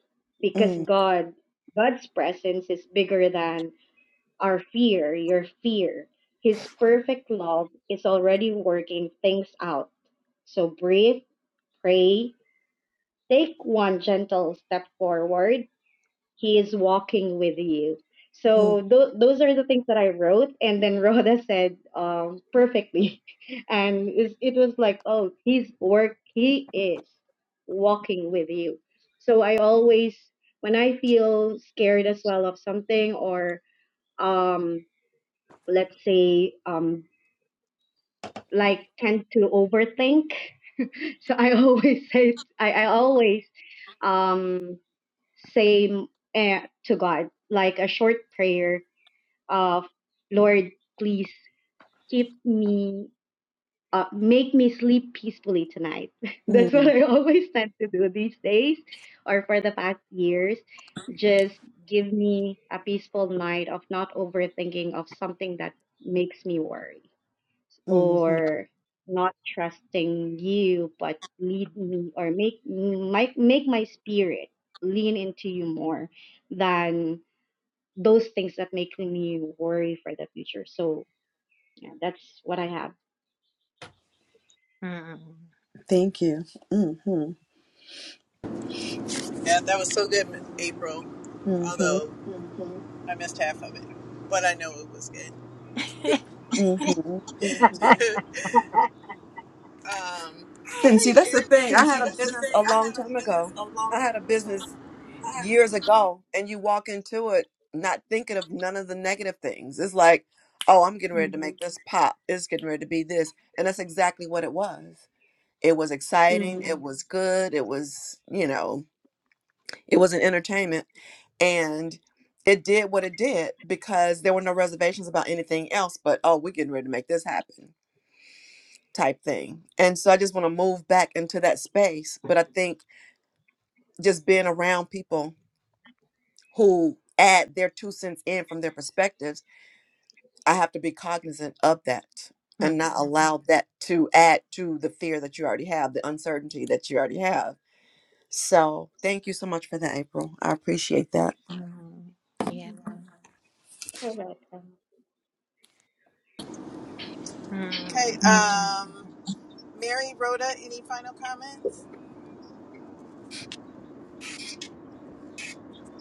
E: because God, God's presence is bigger than our fear, your fear. His perfect love is already working things out. So breathe, pray, take one gentle step forward he is walking with you.
B: Mm-hmm.
E: So th- those are the things that I wrote, and then Rhoda said um, perfectly, and it it was like, oh, he's work. He is walking with you. So I always, when I feel scared as well of something, or um, let's say, um, like tend to overthink, so I always say, I, I always um, say uh, to God like a short prayer of Lord, please keep me, uh, make me sleep peacefully tonight. That's what I always tend to do these days or for the past years. Just give me a peaceful night of not overthinking of something that makes me worry
B: Mm-hmm.
E: or not trusting you, but lead me or make my, make my spirit lean into you more than those things that make me worry for the future. So yeah, that's what I have.
C: mm,
B: Thank you. Mm-hmm.
A: Yeah, that was so good, April.
B: Mm-hmm.
A: Although I missed half of it, but I know it was good.
B: Mm-hmm.
A: um, oh,
B: And
A: hey,
B: see, that's the
A: Sharon.
B: thing. I
A: And see,
B: had a
A: that's the
B: business
A: thing.
B: a
A: I
B: long
A: had a
B: time
A: business
B: ago.
A: a long
B: I had a
A: time ago.
B: business years ago, and you walk into it not thinking of none of the negative things. It's like, oh, I'm getting ready to
E: Mm-hmm.
B: make this pop. It's getting ready to be this. And that's exactly what it was. It was exciting.
E: Mm-hmm.
B: It was good. It was, you know, It was an entertainment and it did what it did because there were no reservations about anything else but oh we're getting ready to make this happen type thing and so i just want to move back into that space but i think just being around people who add their two cents in from their perspectives i have to be cognizant of that
C: mm,
B: and not allow that to add to the fear that you already have the uncertainty that you already have so thank you so much for that april i appreciate that
C: mm. Yeah.
E: You're welcome.
A: Okay,
C: Mm,
A: um, Mary, Rhoda, any final comments?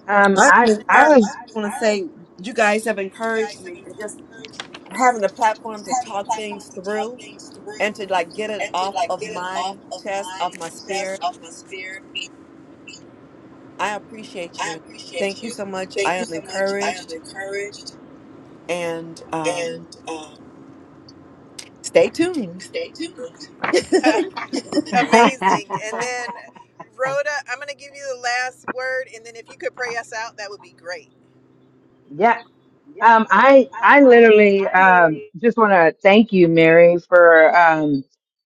F: Um,
B: I'm
F: I
B: encouraged.
F: I
A: Um, I,
B: I want to
A: I want
B: say you
A: to say
B: guys have
A: you
B: encouraged
A: guys have
B: me and just
A: encouraged
B: having a platform to
A: having a
B: talk
A: platform
B: things
A: to talk
B: through
A: things through
B: and to like get it
A: and to
B: off
A: like
B: of
A: get it off
B: my
A: of
B: chest,
A: my
B: off my
A: chest,
B: spirit.
A: off my spirit.
B: I appreciate
A: I
B: you. Thank
A: appreciate
B: you
A: you.
B: so much. I
A: Thank you
B: am
A: so much. I am
B: encouraged
A: encouraged
B: and um,
A: and um,
B: stay tuned.
A: stay tuned.
F: would,
A: Amazing. And then, Rhoda, I'm going to give you the last word, and then if you could pray us out, that would be great.
F: yeah. Um, I
A: Um,
F: I
A: I,
F: literally
A: i
F: um
A: literally.
F: just want to thank you, Mary, for um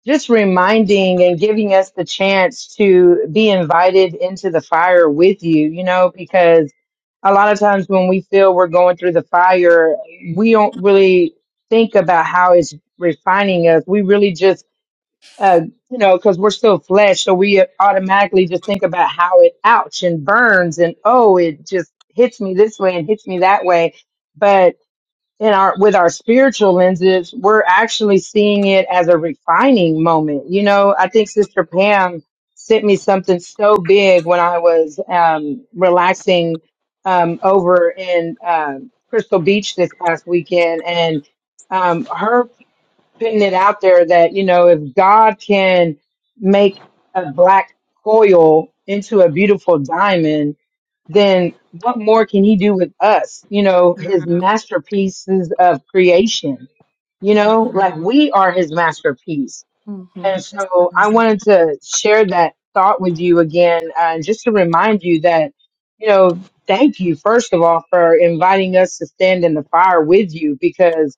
F: just reminding and giving us the chance to be invited into the fire with you. You know, because a lot of times when we feel we're going through the fire, we don't really think about how it's refining us. We really just uh, you know, because we're still flesh, so we automatically just think about how it ouch and burns and oh, it just hits me this way and hits me that way. But in our with our spiritual lenses, we're actually seeing it as a refining moment. You know, I think Sister Pam sent me something so big when I was um, relaxing um, over in um Crystal Beach this past weekend, and um, her putting it out there that you know if God can make a black coil into a beautiful diamond, then what more can He do with us? You know, His
C: mm,
F: masterpieces of creation. You know, like
C: mm,
F: we are His masterpiece, and
B: Mm-hmm.
F: so I
C: mm.
F: wanted to share that thought with you again, uh, just to remind you that you know. Thank you, first of all, for inviting us to stand in the fire with you because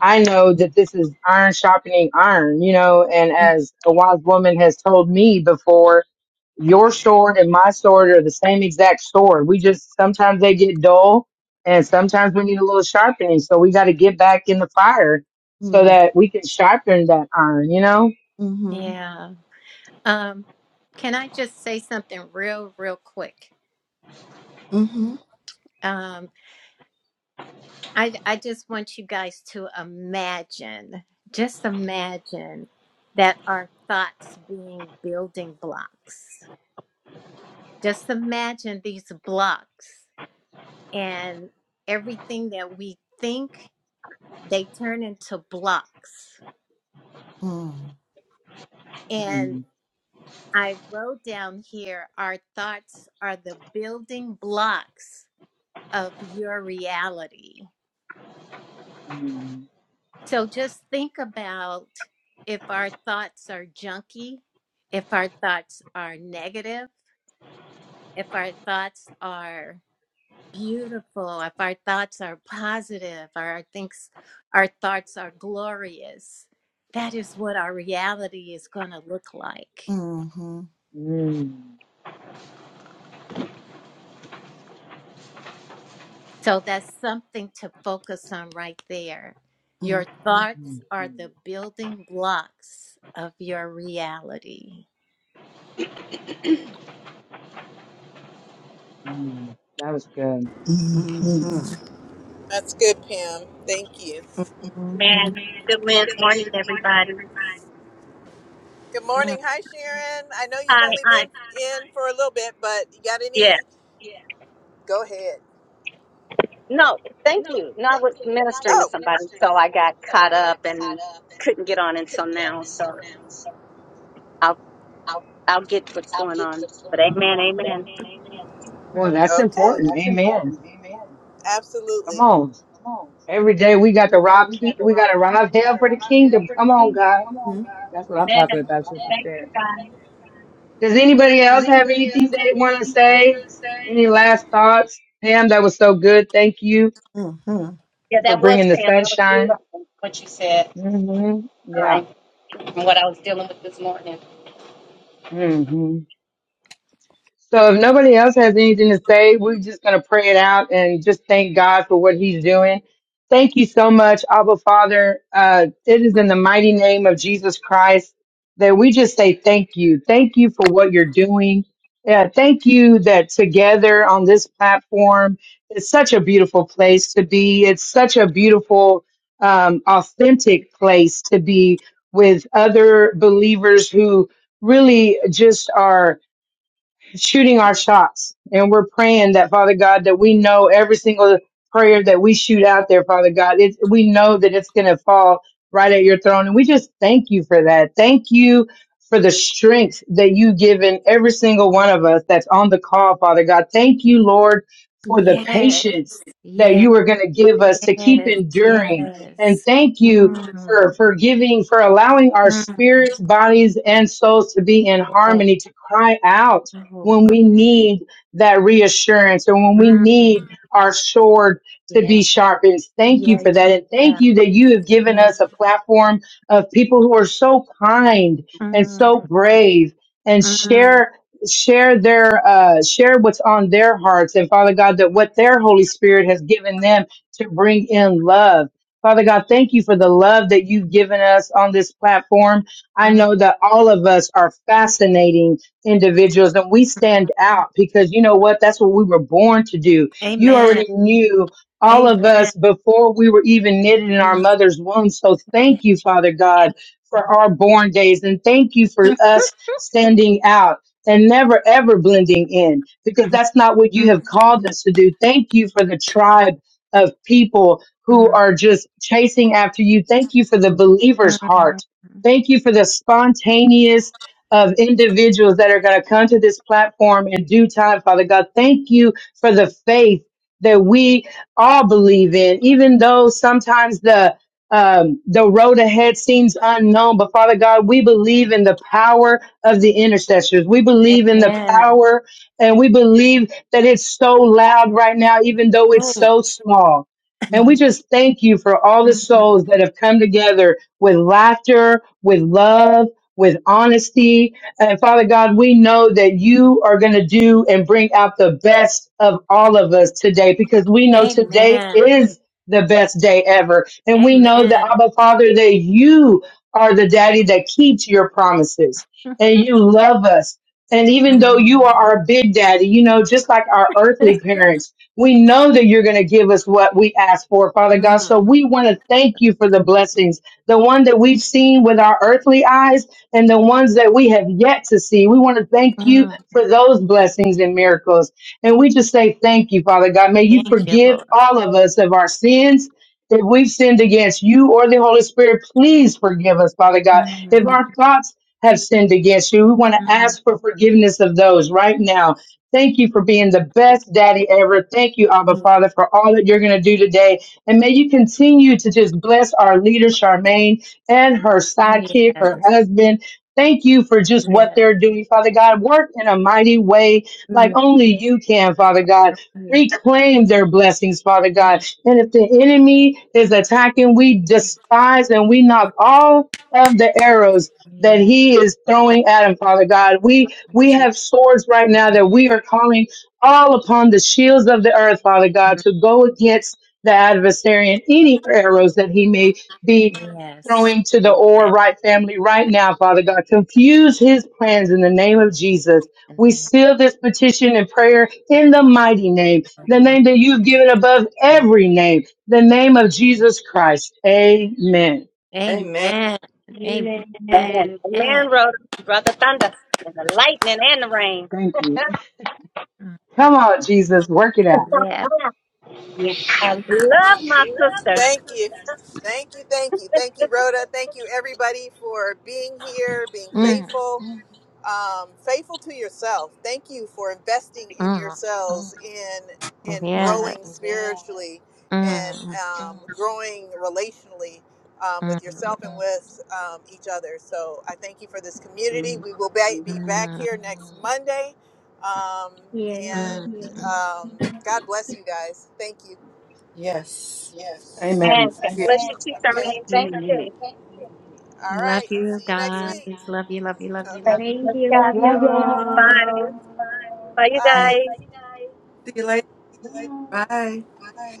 F: I know that this is iron sharpening iron, you know, and as a wise woman has told me before, your sword and my sword are the same exact sword. We just sometimes they get dull and sometimes we need a little sharpening. So we got to get back in the fire so
B: Mm-hmm.
F: that we can sharpen that iron, you know?
B: Mm-hmm.
C: Yeah. Um, can I just say something real, real quick? Um, I I just want you guys to imagine, just imagine that our thoughts being building blocks. Just imagine these blocks and everything that we think, they turn into blocks.
B: Mm-hmm.
F: Mm,
C: I wrote down here our thoughts are the building blocks of your reality.
F: mm,
C: So just think about if our thoughts are junky, if our thoughts are negative, if our thoughts are beautiful, if our thoughts are positive, our thinks our thoughts are glorious. That is what our reality is going to look like.
B: Mm-hmm.
F: mm, mm,
C: So that's something to focus on right there. Your thoughts are
F: mm,
C: the building blocks of your reality.
F: mm. That was good.
B: Mm-hmm.
A: Mhm. That's good, Pam. Thank you.
B: Mhm.
G: Man, good man.
A: Good
G: morning,
A: morning,
G: everybody.
A: everybody. Good morning. Hi, Sharon. I know you've
G: Hi,
A: only been
G: I
A: Hi. in for a little bit, but you got
G: yeah.
A: any? Yeah. Go ahead.
G: No, thank
A: No,
G: you. No, I
A: thank
G: was
A: you. No, I was
G: ministering to
A: Oh,
G: somebody,
A: ministering to
G: so I
A: somebody,
G: got
A: so
G: caught
A: I
G: up
A: got caught
G: and
A: up and
G: couldn't get on until
A: couldn't get
G: now.
A: on
G: So
A: until now. So
G: I'll
A: I'll,
G: I'll get what's
A: I'll
G: going
A: get
G: on.
A: what's
G: But
A: going on.
G: amen,
A: But
G: amen.
A: amen, amen.
F: Well,
C: Mhm.
F: that's
A: okay. Oh,
F: important.
A: that's
F: Amen.
A: important. Amen.
F: Come
A: Absolutely.
F: on.
A: Come on.
F: Every day we got to
A: Every day
F: rob
A: we
F: ki-
A: got to
F: we got to rob hell for
A: rob.
F: the kingdom. Come on, God.
B: Mhm.
F: That's what I'm
G: Amen.
F: talking about, Sister
G: Thank you,
F: Sharon.
G: God.
F: Does anybody else have anything they want to say? Any last thoughts? Pam, that was so good. Thank you
B: Mhm.
G: Yeah,
F: for
G: that was
F: bringing the
G: Pam. That was
F: sunshine.
G: beautiful what you said
F: hmm
G: uh,
F: Yeah.
G: and what I was dealing with this morning.
F: hmm So if nobody else has anything to say, we're just going to pray it out and just thank God for what he's doing. Thank you so much, Abba Father. Uh, it is in the mighty name of Jesus Christ that we just say thank you. Thank you for what you're doing. Yeah, thank you that together on this platform, it's such a beautiful place to be. It's such a beautiful, um, authentic place to be with other believers who really just are shooting our shots and we're praying that Father God that we know every single prayer that we shoot out there, Father God, it, we know that it's going to fall right at your throne. And we just thank you for that. Thank you for the strength that you give in every single one of us that's on the call, Father God. Thank you, Lord, for the
C: Yes,
F: patience that
C: yes,
F: you are going to give us to keep
C: yes,
F: enduring. And
C: yes.
F: thank you
C: Mm,
F: for, for giving, for allowing our
C: mm,
F: spirits, bodies, and souls to be in
C: yes.
F: harmony, to cry out
C: Oh,
F: when
C: God.
F: we need that reassurance or when we
C: Mm,
F: need our sword to be
C: yeah,
F: sharpened. Thank you
C: yeah,
F: for that.
C: yeah,
F: And thank
C: yeah.
F: you that you have given
C: Mm,
F: us a platform of people who are so kind and so
C: mm,
F: brave and
C: mm,
F: share share their uh share what's on their hearts and father god that what their holy spirit has given them to bring in love father god thank you for the love that you've given us on this platform i
C: mm.
F: know that all of us are fascinating individuals and we stand out because you know what that's what we were born to do you
C: Amen.
F: already knew all of
C: Amen.
F: us before we were even knitted in our
C: Mm,
F: mother's womb so
C: yeah.
F: thank you father god for our born days and thank you for us standing out and never ever blending in because that's not what you have
C: Mm,
F: called us to do thank you for the tribe of people who
C: mm,
F: are just chasing after you thank you for the believer's
C: mm.
F: heart thank you for the spontaneous of individuals that are going to come to this platform in due time, Father God. Thank you for the faith that we all believe in, even though sometimes the um, the road ahead seems unknown, but Father God, we believe in the power of the intercessors. We believe in the
C: Amen.
F: power and we believe that it's so loud right now, even though it's
C: Mm.
F: so small. And we
B: Mhm.
F: just thank you for all the
C: Mhm.
F: souls that have come together with laughter, with love, with honesty. And Father God, we know that you are going to do and bring out the best of all of us today because we know today
C: Amen.
F: is the best day ever. And we know that,
C: Amen.
F: Abba Father, that you are the daddy that keeps your promises and you love us. And even though you are
C: Mm.
F: our big daddy, you know, just like our earthly parents, we know that you're going to give us what we ask for, Father God.
C: Mm.
F: So we want to thank you for the blessings the one that we've seen with our earthly eyes and the ones that we have yet to see. We want to thank you
C: Mm.
F: for those blessings and miracles. And we just say thank you, Father God. May you
C: Thank you,
F: forgive
C: Lord.
F: all of us of our sins. If we've sinned against you or the Holy Spirit, please forgive us, Father God. If
C: Mm.
F: our thoughts have sinned against you, we want to
C: Mm.
F: ask for forgiveness of those right now. Thank you for being the
C: Your
F: best
C: blood.
F: daddy ever. Thank you, Abba Father, for all that you're going to do today. And may you continue to just bless our leader, Charmaine, and her sidekick, her
C: Yes.
F: husband. Thank you for just what
C: Yes.
F: they're doing, Father God. Work in a mighty way like
B: Mhm.
F: only you can, Father God.
C: You
F: Reclaim their blessings, Father
C: can.
F: God.
C: Mm.
F: And if the enemy is attacking, we despise and we knock all of the arrows that
C: Yes.
F: he is
C: Thank
F: throwing at him, Father God. We we
C: you,
F: have swords right now
C: Lord Jesus.
F: that we are calling all upon the shields of the earth, Father God,
C: Mm.
F: to go against the adversary and any arrows that he may be
C: Yes.
F: throwing to the
C: Go
F: or
C: back.
F: right family right now, Father God. Confuse his plans in the name of Jesus.
C: And
F: We
C: there
F: seal this petition and prayer in the mighty name,
C: remain
F: the
C: anointed.
F: name that you've given above every name, the name of Jesus Christ. Amen.
B: Amen.
C: Amen. Amen.
G: Amen.
E: Amen.
G: The
C: Amen.
G: man wrote brother thunder and the lightning and the rain.
F: Thank you.
C: Mm.
F: Come on, Jesus, work it out.
C: Yes.
G: Ah,
E: Yeah.
G: I love
A: Thank
G: my
A: you.
G: sisters.
A: Thank you. Thank you. Thank you, Rhoda. Thank you, everybody, for being here, being
C: Mm.
A: faithful, um, faithful to yourself. Thank you for investing in
C: Mm.
A: yourselves in in
E: Mhm.
C: Yes.
A: growing spiritually and
C: Mm.
A: um, growing relationally um, with
C: Mm.
A: yourself and with um, each other. So I thank you for this community.
E: Mm-hmm.
A: We will be, be back
C: Mm.
A: here next Monday. Um,
E: Yeah.
A: and
C: Mm.
A: um, God bless you guys. Thank you.
B: Yes.
A: Yes.
G: And
F: Amen.
G: God
A: Amen.
B: Yeah.
G: bless
A: Amen.
G: you too,
A: God bless Okay.
G: Charmaine. Thank
E: Amen. Amen.
A: you.
G: you.
A: Thank you. All
C: Love
A: right.
C: you
A: See you Thank next you,
C: guys.
A: Miss week. Miss
C: Love you, love you, love
A: Donna.
C: you,
A: Okay.
C: love
G: Thank
C: you.
E: Thank
G: you,
E: you. Love
A: Thank
G: guys.
E: you
F: Love
A: you,
F: y'all.
A: guys.
G: Bye.
E: all.
A: Bye.
G: Bye, you
C: Mm.
A: Bye.
G: guys.
A: Bye, you guys.
B: See you later.
A: Bye.
B: Bye.
A: Bye.